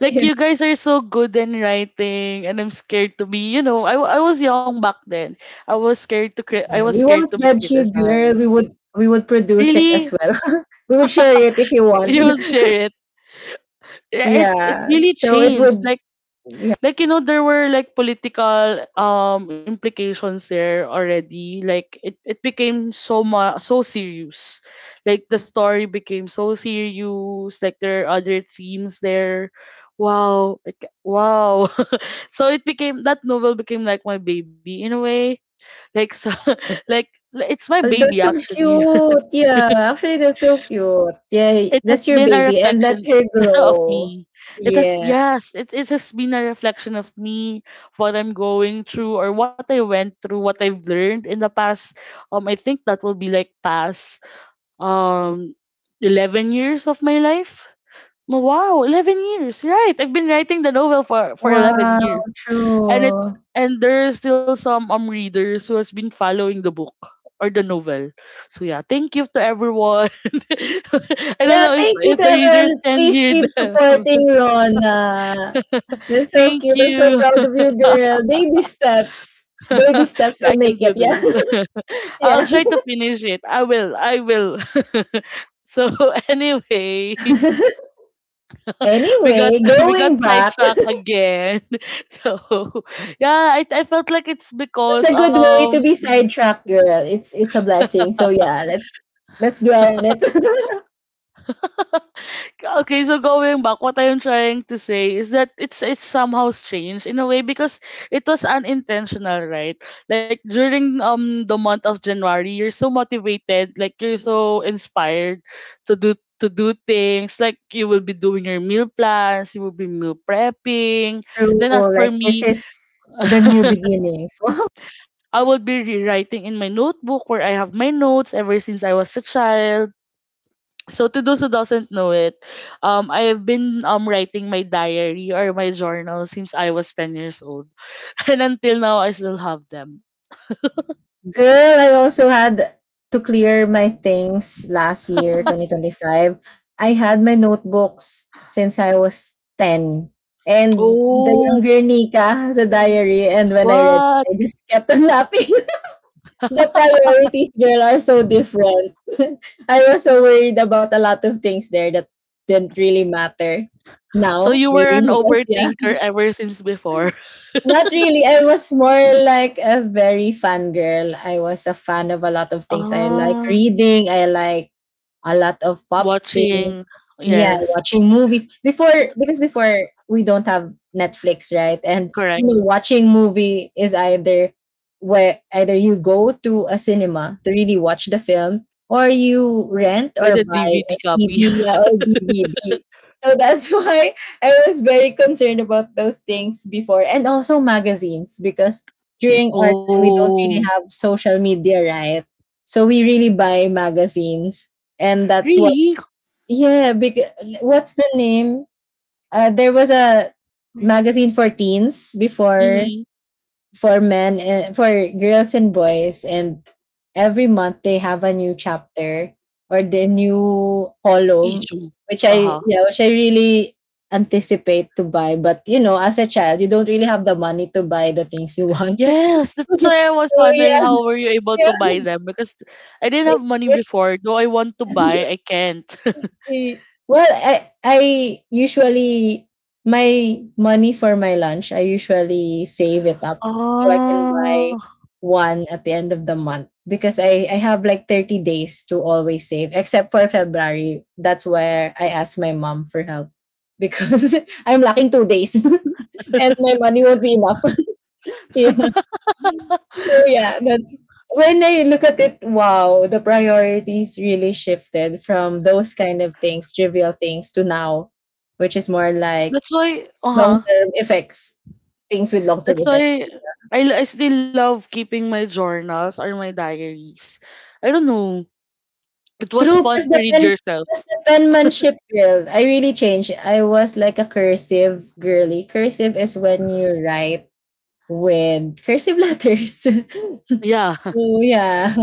Speaker 1: Like you guys are so good in writing, and I'm scared to be. You know, I was young back then. I was scared to I
Speaker 2: Yeah,
Speaker 1: was
Speaker 2: we
Speaker 1: scared to
Speaker 2: won't
Speaker 1: be
Speaker 2: judge you, girl.
Speaker 1: criticized.
Speaker 2: We would produce it as
Speaker 1: Really,
Speaker 2: well. We would share it if you want.
Speaker 1: you would share it. Yeah, it
Speaker 2: Yeah,
Speaker 1: really
Speaker 2: so it
Speaker 1: changed.
Speaker 2: would yeah.
Speaker 1: Like you know there were like political implications there already. Like it became so ma so serious. Like the story became so serious. Like there are other themes there. Wow. Like, wow. So it became— that novel became like my baby in a way. Like so like it's my
Speaker 2: Oh,
Speaker 1: baby
Speaker 2: that's so
Speaker 1: actually.
Speaker 2: cute. Yeah, actually that's so cute. Yeah,
Speaker 1: It has
Speaker 2: that's your
Speaker 1: been a
Speaker 2: baby and let
Speaker 1: reflection
Speaker 2: her
Speaker 1: of
Speaker 2: grow.
Speaker 1: me. It has—
Speaker 2: Yeah.
Speaker 1: yes, it has been a reflection of me, what I'm going through or what I went through, what I've learned in the past. I think that will be like past um 11 years of my life. M- Wow, 11 years. Right. I've been writing the novel for 11
Speaker 2: Wow,
Speaker 1: years. And it—
Speaker 2: true.
Speaker 1: and there are still some readers who has been following the book or the novel. So yeah, thank you to everyone. I don't
Speaker 2: Yeah,
Speaker 1: know
Speaker 2: thank you
Speaker 1: if
Speaker 2: to
Speaker 1: the readers
Speaker 2: everyone.
Speaker 1: can
Speaker 2: Please
Speaker 1: hear
Speaker 2: keep
Speaker 1: them.
Speaker 2: supporting Rona. That's so
Speaker 1: Thank
Speaker 2: cute. I'm so
Speaker 1: you.
Speaker 2: proud of you, girl. Baby steps. Baby steps
Speaker 1: I
Speaker 2: will
Speaker 1: can
Speaker 2: make
Speaker 1: do
Speaker 2: it. Yeah.
Speaker 1: this. I'll
Speaker 2: Yeah.
Speaker 1: try to finish it. I will. I will. So anyway, we got
Speaker 2: Anyway,
Speaker 1: we got
Speaker 2: going back
Speaker 1: sidetracked again. So yeah, I felt like it's
Speaker 2: that's
Speaker 1: because
Speaker 2: a good way to be sidetracked, girl. It's a blessing. So yeah, let's dwell on it.
Speaker 1: okay, so going back, what I am trying to say is that it's somehow strange in a way because it was unintentional, right? Like during the month of January, you're so motivated, like you're so inspired to do— to do things. Like you will be doing your meal plans, you will be meal prepping. Then as
Speaker 2: True.
Speaker 1: for
Speaker 2: Like this
Speaker 1: me,
Speaker 2: is the new beginnings. Wow.
Speaker 1: I will be rewriting in my notebook where I have my notes ever since I was a child. So to those who doesn't know it, I have been writing my diary or my journal since I was 10 years old, and until now I still have them.
Speaker 2: Girl, I also had to clear my things last year, Mm. 2025. I had my notebooks since I was 10. And the
Speaker 1: Oh,
Speaker 2: younger Nika has a diary, and when I read,
Speaker 1: what?
Speaker 2: I just kept on laughing. The priorities, girl, are so different. I was so worried about a lot of things there that didn't really matter.
Speaker 1: So
Speaker 2: Now,
Speaker 1: you were
Speaker 2: maybe
Speaker 1: an
Speaker 2: because yeah,
Speaker 1: overthinker ever since before?
Speaker 2: not really. I was more like a very fangirl. I was a fan of a lot of things. I like
Speaker 1: Ah,
Speaker 2: reading. I like a lot of pop things.
Speaker 1: watching.
Speaker 2: Yeah,
Speaker 1: Yes,
Speaker 2: watching movies. Before because before we don't have Netflix, right? And you
Speaker 1: correct.
Speaker 2: know, watching movie is either where either you go to a cinema to really watch the film or you rent
Speaker 1: By
Speaker 2: or
Speaker 1: the
Speaker 2: buy a
Speaker 1: DVD copy.
Speaker 2: CD or DVD. So that's why I was very concerned about those things before and also magazines because during our time we don't
Speaker 1: Oh,
Speaker 2: really have social media, right? So we really buy magazines, and that's what
Speaker 1: really?
Speaker 2: yeah, because what's the name? There was a magazine for teens before
Speaker 1: Mm-hmm.
Speaker 2: for men and for girls and boys, and every month they have a new chapter or the new column
Speaker 1: Issue.
Speaker 2: which I
Speaker 1: Uh
Speaker 2: yeah which I really anticipate to buy, but you know as a child you don't really have the money to buy the things you want.
Speaker 1: Yes, that's
Speaker 2: So
Speaker 1: why I was wondering
Speaker 2: yeah,
Speaker 1: how were you able to
Speaker 2: yeah.
Speaker 1: buy them, because I didn't
Speaker 2: It,
Speaker 1: have money before. Though I want to
Speaker 2: it's
Speaker 1: buy, I can't.
Speaker 2: Well, I usually my money for my lunch, I usually save it up so I can
Speaker 1: Oh.
Speaker 2: buy one at the end of the month because I have like 30 days to always save except for February. That's where I ask my mom for help because I'm lacking 2 days and my money won't be enough. Yeah. So yeah, that's when I look at it, wow, the priorities really shifted from those kind of things, trivial things, to now, which is more like
Speaker 1: That's why,
Speaker 2: long
Speaker 1: uh-huh.
Speaker 2: term effects, things with long term
Speaker 1: That's
Speaker 2: effects.
Speaker 1: why I still love keeping my journals or my diaries. I don't know. It was
Speaker 2: True,
Speaker 1: fun
Speaker 2: plus
Speaker 1: to
Speaker 2: the
Speaker 1: read
Speaker 2: pen,
Speaker 1: yourself.
Speaker 2: plus the penmanship girl. I really changed. I was like a cursive girly. Cursive is when you write with cursive letters. So
Speaker 1: Yeah.
Speaker 2: yeah.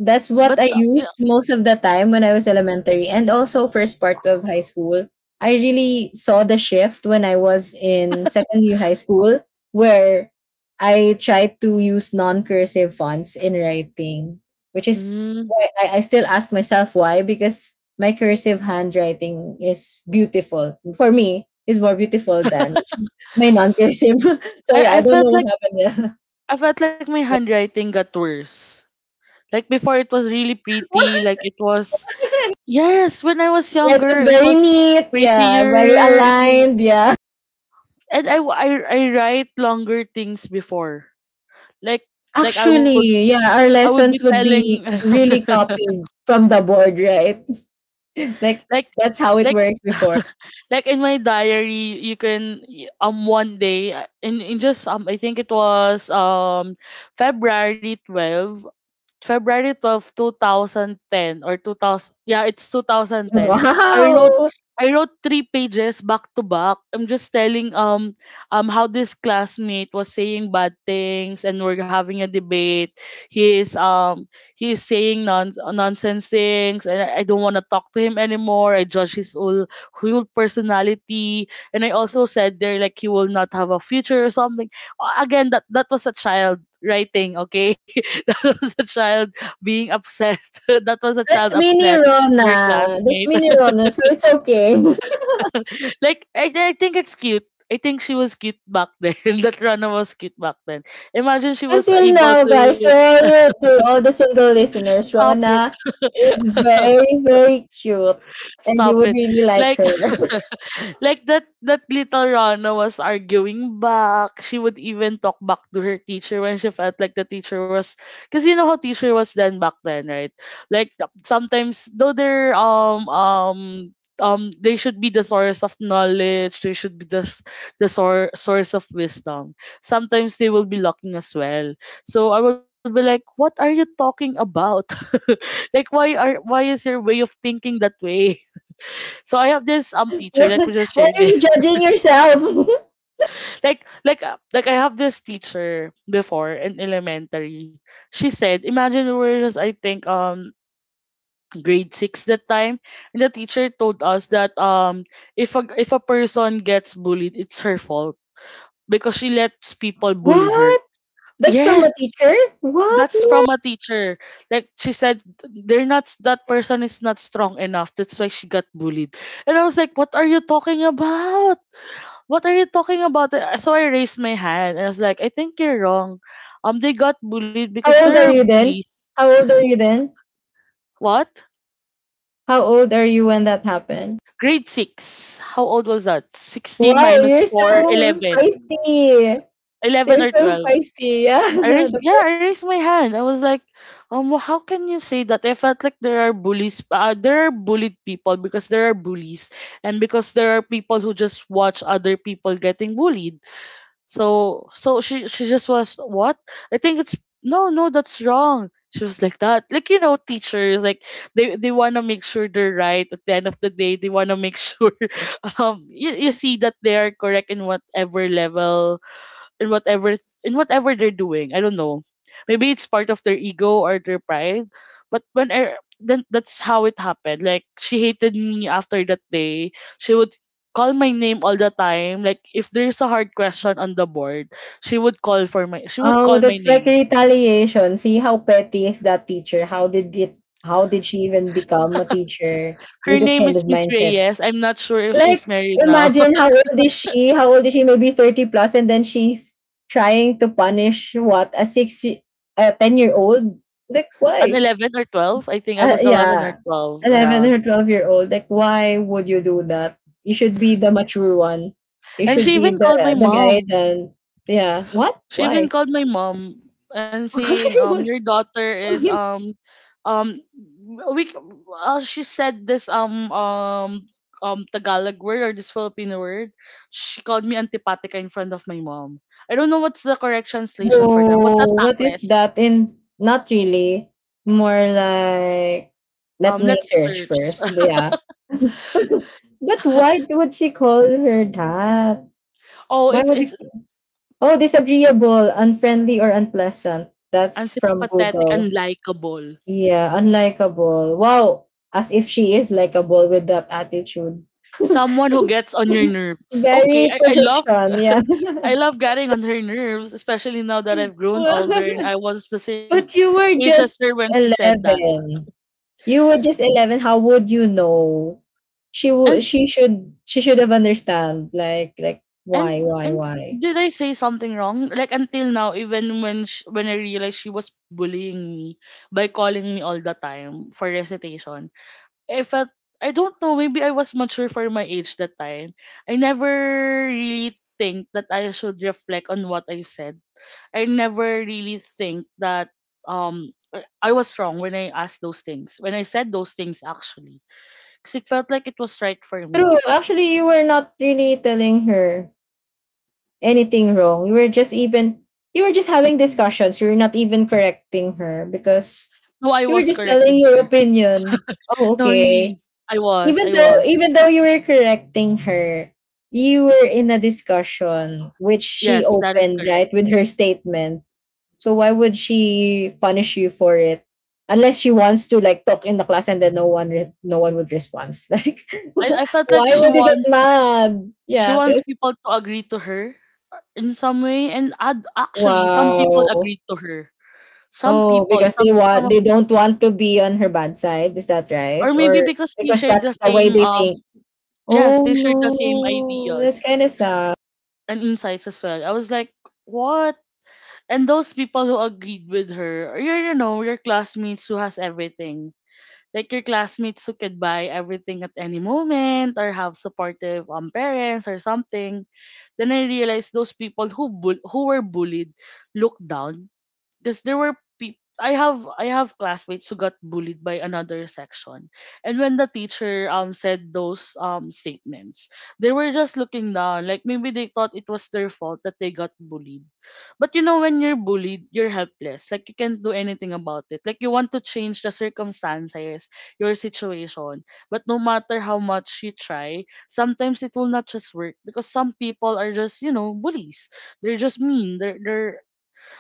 Speaker 2: That's
Speaker 1: But
Speaker 2: what I
Speaker 1: you
Speaker 2: used
Speaker 1: know,
Speaker 2: most of the time when I was elementary and also first part of high school. I really saw the shift when I was in second year high school where I tried to use non-cursive fonts in writing, which is
Speaker 1: mm,
Speaker 2: why I still ask myself why because my cursive handwriting is beautiful for me is more beautiful than my non-cursive. So yeah, I
Speaker 1: I
Speaker 2: don't
Speaker 1: felt
Speaker 2: know
Speaker 1: like—
Speaker 2: what happened there.
Speaker 1: I felt like my handwriting got worse. Like before it was really pretty,
Speaker 2: Yeah.
Speaker 1: like it was— Yes, when I was
Speaker 2: Yeah, it was
Speaker 1: younger, it
Speaker 2: very
Speaker 1: was
Speaker 2: neat. Yeah, very
Speaker 1: prettier. It was,
Speaker 2: aligned. Yeah.
Speaker 1: and I write longer things before. Like like I would—
Speaker 2: Actually, yeah, our
Speaker 1: I would be
Speaker 2: lessons would
Speaker 1: telling
Speaker 2: be really copied from the board, right? Like,
Speaker 1: like
Speaker 2: that's how it
Speaker 1: like
Speaker 2: works before.
Speaker 1: like in my diary you can one day, in just I think it was February 12— February 12, 2010 or 2000— yeah, it's 2010. I wrote—
Speaker 2: Wow.
Speaker 1: I wrote three pages back to back. I'm just telling how this classmate was saying bad things and we're having a debate. He is um he is saying nonsense things and I don't want to talk to him anymore. I judge his whole— whole personality and I also said there like he will not have a future or something. Again, that was a child writing, okay? That was a child being upset. That was a child
Speaker 2: That's mini
Speaker 1: upset. Her
Speaker 2: Rona. That's
Speaker 1: classmate.
Speaker 2: mini Rona, so it's okay.
Speaker 1: Like I think it's cute. I think she was cute back then. That Rana was cute back then. Imagine she was
Speaker 2: Until
Speaker 1: able
Speaker 2: now,
Speaker 1: to
Speaker 2: guys, to all the single listeners,
Speaker 1: stop it.
Speaker 2: Rona is very, very cute. And you
Speaker 1: Stop
Speaker 2: would
Speaker 1: it.
Speaker 2: really like
Speaker 1: Like
Speaker 2: her.
Speaker 1: like that little Rana was arguing back. She would even talk back to her teacher when she felt like the teacher was because you know how teacher was then back then, right? Like sometimes though they should be the source of knowledge, they should be the source of wisdom. Sometimes they will be locking as well. So I will be like, what are you talking about? Like why is your way of thinking that way? So I have this teacher.
Speaker 2: Why
Speaker 1: Let me just share
Speaker 2: are you
Speaker 1: this.
Speaker 2: judging yourself?
Speaker 1: Like I have this teacher before in elementary. She said, imagine we were just I think grade six that time, and the teacher told us that if a person gets bullied, it's her fault because she lets people bully her.
Speaker 2: What? That's from a
Speaker 1: Yes,
Speaker 2: teacher?
Speaker 1: that's
Speaker 2: What?
Speaker 1: from
Speaker 2: No.
Speaker 1: a teacher. Like she said, they're not that person is not strong enough. That's why she got bullied. And I was like, what are you talking about? What are you talking about? So I raised my hand and I was like, I think you're wrong. They got bullied because
Speaker 2: How old
Speaker 1: there are
Speaker 2: are you then?
Speaker 1: bullies.
Speaker 2: How old are you then?
Speaker 1: What?
Speaker 2: How old are you when that happened?
Speaker 1: Grade 6. How old was that? 16
Speaker 2: Wow,
Speaker 1: minus
Speaker 2: you're
Speaker 1: 4,
Speaker 2: so
Speaker 1: 11.
Speaker 2: feisty.
Speaker 1: 11
Speaker 2: You're
Speaker 1: or
Speaker 2: so
Speaker 1: 12.
Speaker 2: feisty. Yeah.
Speaker 1: I raised,
Speaker 2: That's
Speaker 1: yeah,
Speaker 2: right.
Speaker 1: I raised my hand. I was like, how can you say that? I felt like there are bullies, there are bullied people because there are bullies, and because there are people who just watch other people getting bullied. So she just was what? I think it's no, that's wrong. She was like that. Like you know, teachers like they want to make sure they're right at the end of the day. They want to make sure you see that they are correct in whatever level in whatever in whatever they're doing. I don't know. Maybe it's part of their ego or their pride. But when I then that's how it happened. Like she hated me after that day. She would call my name all the time. Like if there's a hard question on the board, she would
Speaker 2: Oh,
Speaker 1: call my
Speaker 2: that's like
Speaker 1: name.
Speaker 2: retaliation. See how petty is that teacher? How did she even become a teacher
Speaker 1: Her
Speaker 2: with that
Speaker 1: name
Speaker 2: kind
Speaker 1: is
Speaker 2: of
Speaker 1: Miss
Speaker 2: mindset?
Speaker 1: Reyes. I'm not sure if
Speaker 2: Like,
Speaker 1: she's married now.
Speaker 2: imagine how old is she? How old is she? Maybe 30 plus, and then she's trying to punish what a six, a 10-year-old? Like,
Speaker 1: An
Speaker 2: why?
Speaker 1: 11 or 12. I think I was 11 or
Speaker 2: Yeah,
Speaker 1: 12.
Speaker 2: 11
Speaker 1: Yeah.
Speaker 2: or 12-year-old. Like, why would you do that? You should be the mature one. You
Speaker 1: And
Speaker 2: should
Speaker 1: she
Speaker 2: be
Speaker 1: even called my
Speaker 2: the guy
Speaker 1: mom.
Speaker 2: then. Yeah. What?
Speaker 1: She even
Speaker 2: Why?
Speaker 1: called my mom and saying,
Speaker 2: Why
Speaker 1: your
Speaker 2: would?
Speaker 1: daughter is
Speaker 2: Why?
Speaker 1: um we she said this Tagalog word or this Filipino word. She called me antipatica in front of my mom. I don't know what's the correct
Speaker 2: No,
Speaker 1: translation for that. What's that,
Speaker 2: what is
Speaker 1: tactless?
Speaker 2: that? In Not really. More like let me
Speaker 1: Let's
Speaker 2: search
Speaker 1: search.
Speaker 2: first. But yeah, but why would she call her that?
Speaker 1: Oh,
Speaker 2: Why
Speaker 1: it,
Speaker 2: would you?
Speaker 1: it's
Speaker 2: Oh, disagreeable, unfriendly, or unpleasant. That's from
Speaker 1: antipathetic,
Speaker 2: Google.
Speaker 1: unlikable.
Speaker 2: Yeah, unlikable. Wow, as if she is likable with that attitude.
Speaker 1: Someone who gets on your nerves. Okay,
Speaker 2: Very
Speaker 1: I love
Speaker 2: projection, yeah.
Speaker 1: I love getting on her nerves, especially now that I've grown older and I was the same
Speaker 2: But you were
Speaker 1: age as
Speaker 2: just
Speaker 1: her when she said that.
Speaker 2: 11. You were just 11. How would you know? She would
Speaker 1: And
Speaker 2: she should she should have understand like why
Speaker 1: and
Speaker 2: why
Speaker 1: and
Speaker 2: why?
Speaker 1: did I say something wrong? Like until now, even when I realized she was bullying me by calling me all the time for recitation, I felt I don't know. Maybe I was mature for my age that time. I never really think that I should reflect on what I said I never really think that I was wrong when I asked those things. When I said those things actually. Because it felt like it was right for me.
Speaker 2: True. Actually, you were not really telling her anything wrong. You were just having discussions. You were not even correcting her because
Speaker 1: No, I
Speaker 2: you were
Speaker 1: was
Speaker 2: just telling
Speaker 1: correcting
Speaker 2: your
Speaker 1: her.
Speaker 2: opinion. Oh,
Speaker 1: No,
Speaker 2: okay.
Speaker 1: really. I was.
Speaker 2: Even
Speaker 1: I
Speaker 2: though
Speaker 1: was.
Speaker 2: even though you were correcting her, you were in a discussion which she
Speaker 1: Yes, that is
Speaker 2: opened,
Speaker 1: correct.
Speaker 2: right, with her statement. So why would she punish you for it? Unless she wants to like talk in the class and then no one would respond. Like
Speaker 1: I, I felt like
Speaker 2: why would you get mad?
Speaker 1: she
Speaker 2: Yeah,
Speaker 1: wants
Speaker 2: this
Speaker 1: people to agree to her in some way and actually some people
Speaker 2: wow.
Speaker 1: agreed to her. Some
Speaker 2: Oh,
Speaker 1: people,
Speaker 2: because
Speaker 1: some of,
Speaker 2: they don't want to be on her bad side. Is that right?
Speaker 1: Or maybe
Speaker 2: Or
Speaker 1: because they
Speaker 2: because
Speaker 1: shared
Speaker 2: that's
Speaker 1: the
Speaker 2: the way
Speaker 1: same
Speaker 2: they think.
Speaker 1: yes,
Speaker 2: Oh
Speaker 1: they shared the same
Speaker 2: no,
Speaker 1: ideas
Speaker 2: that's kind of sad.
Speaker 1: and insights as well. I was like, what? And those people who agreed with her, or your, you know, your classmates who has everything. Like your classmates who could buy everything at any moment or have supportive parents or something. Then I realized those people who were bullied looked down because there were people I have classmates who got bullied by another section. And when the teacher said those statements, they were just looking down, like maybe they thought it was their fault that they got bullied. But you know when you're bullied, you're helpless. Like you can't do anything about it. Like you want to change the circumstances, your situation, but no matter how much you try, sometimes it will not just work because some people are just, you know, bullies, they're just mean. They're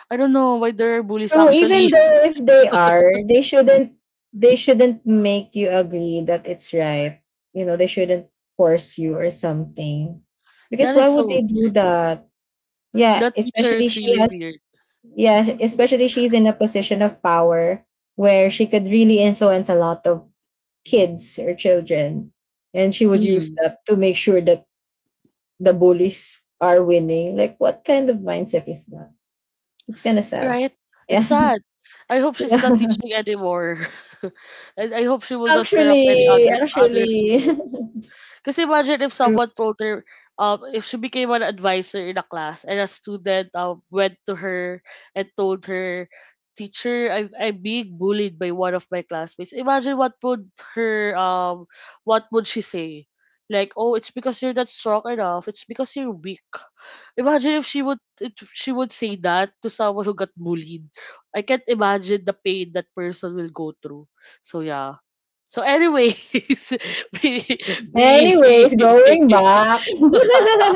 Speaker 1: I don't know why there are bullies
Speaker 2: So even
Speaker 1: actually.
Speaker 2: though if they are, they shouldn't, they shouldn't make you agree that it's right. You know, they shouldn't force you or something. Because
Speaker 1: That
Speaker 2: why
Speaker 1: is
Speaker 2: would
Speaker 1: so
Speaker 2: they do
Speaker 1: weird.
Speaker 2: that? Yeah,
Speaker 1: That teacher
Speaker 2: especially
Speaker 1: is
Speaker 2: she
Speaker 1: really
Speaker 2: has,
Speaker 1: weird.
Speaker 2: yeah, especially she's in a position of power where she could really influence a lot of kids or children. And she would use
Speaker 1: Mm.
Speaker 2: that to make sure that the bullies are winning. Like what kind of mindset is that? It's kinda sad.
Speaker 1: Right?
Speaker 2: Yeah.
Speaker 1: It's sad. I hope she's not
Speaker 2: yeah.
Speaker 1: teaching anymore. And I hope she will not corrupt any
Speaker 2: Actually,
Speaker 1: other
Speaker 2: actually.
Speaker 1: students. Because imagine if
Speaker 2: True.
Speaker 1: someone told her, if she became an advisor in a class and a student went to her and told her, teacher, I'm being bullied by one of my classmates. Imagine what would her, what would she say? Like, oh, it's because you're not strong enough. It's because you're weak. Imagine if she would say that to someone who got bullied. I can't imagine the pain that person will go through. So yeah. So anyways, we
Speaker 2: Anyways, going back.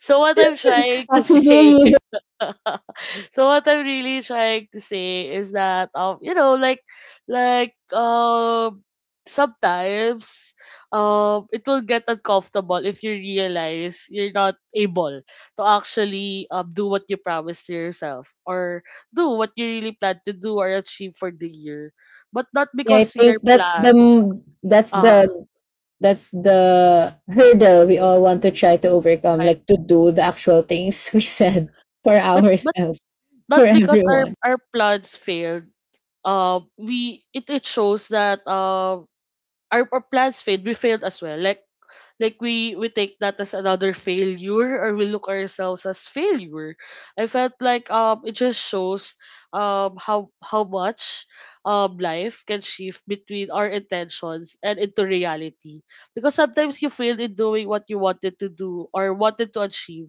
Speaker 1: so what I'm trying
Speaker 2: How
Speaker 1: to
Speaker 2: to do
Speaker 1: say
Speaker 2: you?
Speaker 1: so what I'm really trying to say is that you know like like sometimes it will get uncomfortable if you realize you're not able to actually do what you promised to yourself or do what you really plan to do or achieve for the year. But not
Speaker 2: Yeah, I
Speaker 1: because your
Speaker 2: think
Speaker 1: plans
Speaker 2: that's
Speaker 1: uh
Speaker 2: the, that's the hurdle we all want to try to overcome,
Speaker 1: right.
Speaker 2: like to do the actual things we said for
Speaker 1: But
Speaker 2: ourselves, for
Speaker 1: not because our
Speaker 2: everyone.
Speaker 1: our plans failed. We it, it shows that our plans failed, we failed as well. Like we take that as another failure or we look ourselves as failure. I felt like it just shows how much life can shift between our intentions and into reality, because sometimes you failed in doing what you wanted to do or wanted to achieve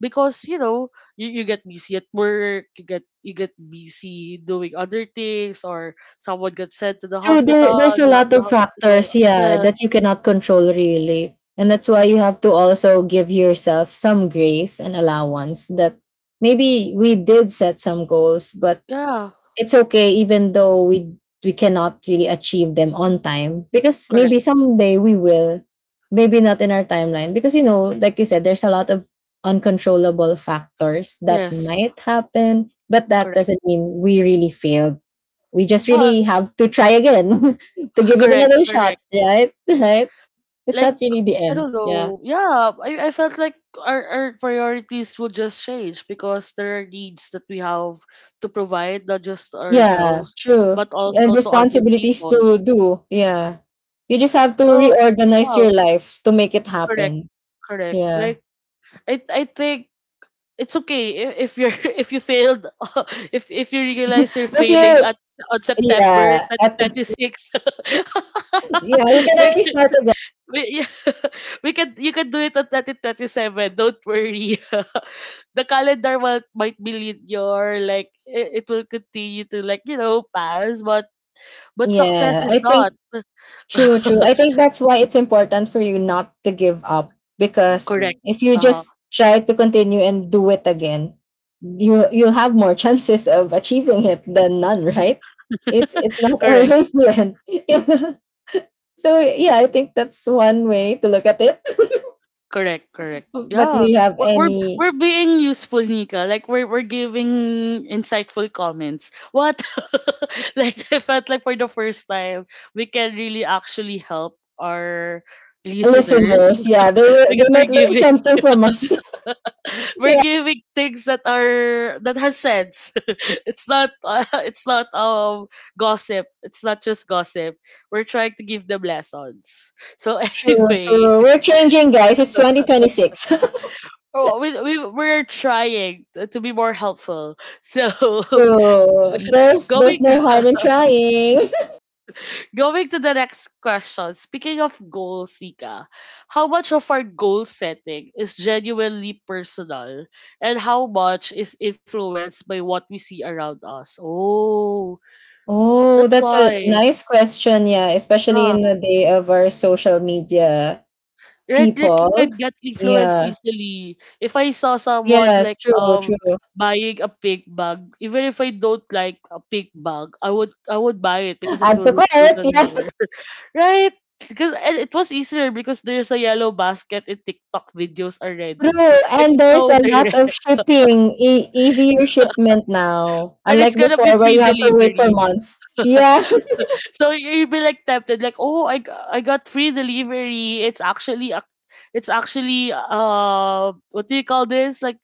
Speaker 1: because you know you get busy at work, you get busy doing other things or someone gets sent to the
Speaker 2: True, there
Speaker 1: hospital,
Speaker 2: there's a lot
Speaker 1: you
Speaker 2: of
Speaker 1: have to do
Speaker 2: factors, yeah, that
Speaker 1: yes
Speaker 2: you cannot control really. And that's why you have to also give yourself some grace and allowance that maybe we did set some goals, but
Speaker 1: yeah.
Speaker 2: it's okay even though we cannot really achieve them on time because maybe someday we will, maybe not in our timeline because you know, like you said, there's a lot of uncontrollable factors that
Speaker 1: Yes,
Speaker 2: might happen, but that
Speaker 1: correct.
Speaker 2: doesn't mean we really failed. We just
Speaker 1: Uh,
Speaker 2: really have to try again to give it
Speaker 1: correct,
Speaker 2: another shot,
Speaker 1: correct.
Speaker 2: right? Right? It's
Speaker 1: Like
Speaker 2: not really the
Speaker 1: I
Speaker 2: end.
Speaker 1: don't
Speaker 2: Yeah.
Speaker 1: know. Yeah, I felt like our priorities would just change because there are needs that we have to provide, not just to
Speaker 2: Yeah,
Speaker 1: ourselves,
Speaker 2: true.
Speaker 1: but
Speaker 2: And
Speaker 1: also to other
Speaker 2: responsibilities
Speaker 1: people.
Speaker 2: to do. Yeah. You just have to
Speaker 1: So
Speaker 2: reorganize
Speaker 1: yeah,
Speaker 2: your life to make it
Speaker 1: correct,
Speaker 2: happen.
Speaker 1: correct.
Speaker 2: Yeah.
Speaker 1: Like I think it's okay if you're if you failed if you realize you're
Speaker 2: If
Speaker 1: failing
Speaker 2: you,
Speaker 1: at on September
Speaker 2: yeah, at the,
Speaker 1: 2026
Speaker 2: yeah, you can
Speaker 1: like
Speaker 2: always start again.
Speaker 1: we, yeah, we can you can do it on 2027. Don't worry. The calendar will, might be linear, like it will continue to, like you know, pass, but success
Speaker 2: Yeah. I
Speaker 1: is not
Speaker 2: think true, true. I think that's why it's important for you not to give up because mm,
Speaker 1: correct.
Speaker 2: if you
Speaker 1: Uh huh.
Speaker 2: just try to continue and do it again, you you'll have more chances of achieving it than none, right? It's not
Speaker 1: correct.
Speaker 2: always the end. Yeah. So yeah, I think that's one way to look at it.
Speaker 1: Correct, correct.
Speaker 2: But
Speaker 1: Yeah,
Speaker 2: you have
Speaker 1: we're we're
Speaker 2: any
Speaker 1: we're being useful, Nika. Like we're giving insightful comments. What? Like I felt like for the first time we can really actually help our listeners
Speaker 2: listeners? Yeah, they will-
Speaker 1: because
Speaker 2: they
Speaker 1: we're
Speaker 2: might learn
Speaker 1: giving
Speaker 2: something from us.
Speaker 1: we're
Speaker 2: Yeah.
Speaker 1: giving things that are that has sense. It's not it's not gossip. It's not just gossip. We're trying to give them lessons. So,
Speaker 2: True, true.
Speaker 1: anyways,
Speaker 2: We're changing, guys. It's 2026.
Speaker 1: oh, we're trying to be more helpful. So
Speaker 2: True. There's
Speaker 1: going
Speaker 2: no harm in trying.
Speaker 1: going to the next question. Speaking of goals, Nika, how much of our goal setting is genuinely personal, and how much is influenced by what we see around us? Oh,
Speaker 2: Oh,
Speaker 1: that's
Speaker 2: that's a
Speaker 1: why.
Speaker 2: nice question. Yeah, especially
Speaker 1: Yeah,
Speaker 2: in the day of our social media
Speaker 1: right, like you
Speaker 2: people.
Speaker 1: can get influenced
Speaker 2: Yeah.
Speaker 1: easily. If I saw someone
Speaker 2: Yes,
Speaker 1: like
Speaker 2: true, true.
Speaker 1: buying a pink bag, even if I don't like a pink bag, I would buy it because it
Speaker 2: Add to
Speaker 1: will look good
Speaker 2: cart,
Speaker 1: on
Speaker 2: yeah.
Speaker 1: her. Right? Because and it was easier because there's a yellow basket in TikTok videos already.
Speaker 2: True.
Speaker 1: Like
Speaker 2: And
Speaker 1: it's
Speaker 2: there's
Speaker 1: so
Speaker 2: a lot
Speaker 1: direct.
Speaker 2: of shipping, e- easier shipment now,
Speaker 1: And it's
Speaker 2: unlike
Speaker 1: gonna be
Speaker 2: before where
Speaker 1: free
Speaker 2: you have to wait for
Speaker 1: delivery.
Speaker 2: months. Yeah.
Speaker 1: So you'd be like tempted, like, I got free delivery. It's actually a it's actually what do you call this? Like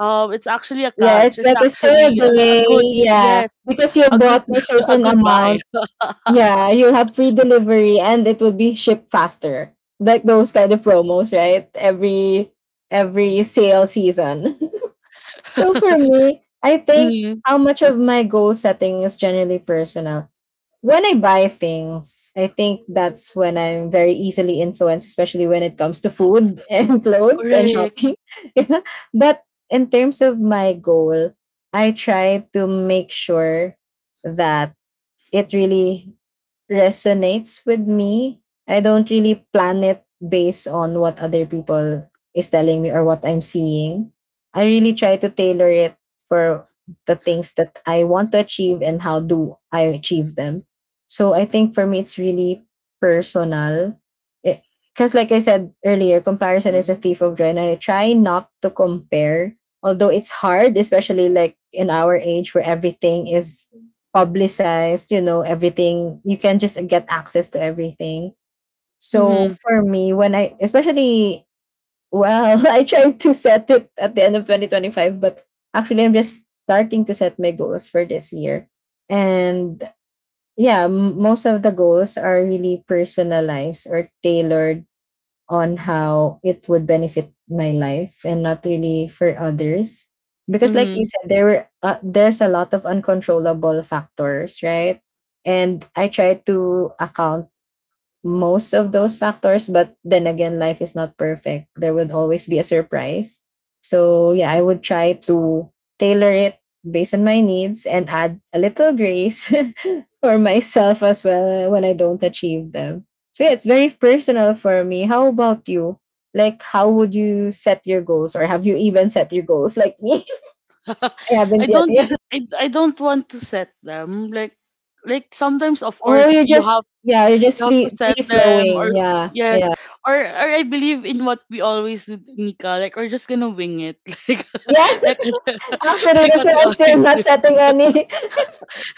Speaker 1: um, it's actually a
Speaker 2: Yeah,
Speaker 1: catch.
Speaker 2: it's
Speaker 1: It's
Speaker 2: like a sale
Speaker 1: actually a
Speaker 2: day.
Speaker 1: good
Speaker 2: Yeah.
Speaker 1: yes,
Speaker 2: Because you
Speaker 1: a good
Speaker 2: bought this
Speaker 1: a
Speaker 2: certain
Speaker 1: good buy.
Speaker 2: amount. Yeah, you'll have free delivery and it will be shipped faster. Like those kind of promos, right? Every sale season. So for me, I think
Speaker 1: Mm,
Speaker 2: how much of my goal setting is generally personal. When I buy things, I think that's when I'm very easily influenced, especially when it comes to food and clothes and
Speaker 1: correct.
Speaker 2: shopping. Yeah. But in terms of my goal, I try to make sure that it really resonates with me. I don't really plan it based on what other people is telling me or what I'm seeing. I really try to tailor it for the things that I want to achieve and how do I achieve them. So I think for me it's really personal. Because like I said earlier, comparison is a thief of joy. And I try not to compare, although it's hard, especially like in our age where everything is publicized, you know, everything. You can just get access to everything. So
Speaker 1: Mm-hmm,
Speaker 2: for me, when I especially, well, I tried to set it at the end of 2025, but actually I'm just starting to set my goals for this year. And yeah, most of the goals are really personalized or tailored on how it would benefit my life and not really for others because like you
Speaker 1: mm-hmm.
Speaker 2: said there were, there's a lot of uncontrollable factors, right? And I try to account most of those factors, but then again life is not perfect, there would always be a surprise. So yeah, I would try to tailor it based on my needs and add a little grace for myself as well when I don't achieve them. So yeah, it's very personal for me. How about you, like how would you set your goals, or have you even set your goals like me? I
Speaker 1: I
Speaker 2: haven't yet,
Speaker 1: don't
Speaker 2: yeah.
Speaker 1: thi- I, I don't want to set them, like sometimes of
Speaker 2: Oh
Speaker 1: course
Speaker 2: you're
Speaker 1: you have,
Speaker 2: just, yeah you're just
Speaker 1: you have to
Speaker 2: free
Speaker 1: set
Speaker 2: free
Speaker 1: them
Speaker 2: flowing,
Speaker 1: or
Speaker 2: yeah,
Speaker 1: yes
Speaker 2: yeah,
Speaker 1: or I believe in what we always do, Nika. Like we're just gonna wing it, like
Speaker 2: yeah.
Speaker 1: like
Speaker 2: Actually,
Speaker 1: like
Speaker 2: that's
Speaker 1: what
Speaker 2: why
Speaker 1: we
Speaker 2: I'm still
Speaker 1: always
Speaker 2: not
Speaker 1: do.
Speaker 2: setting any.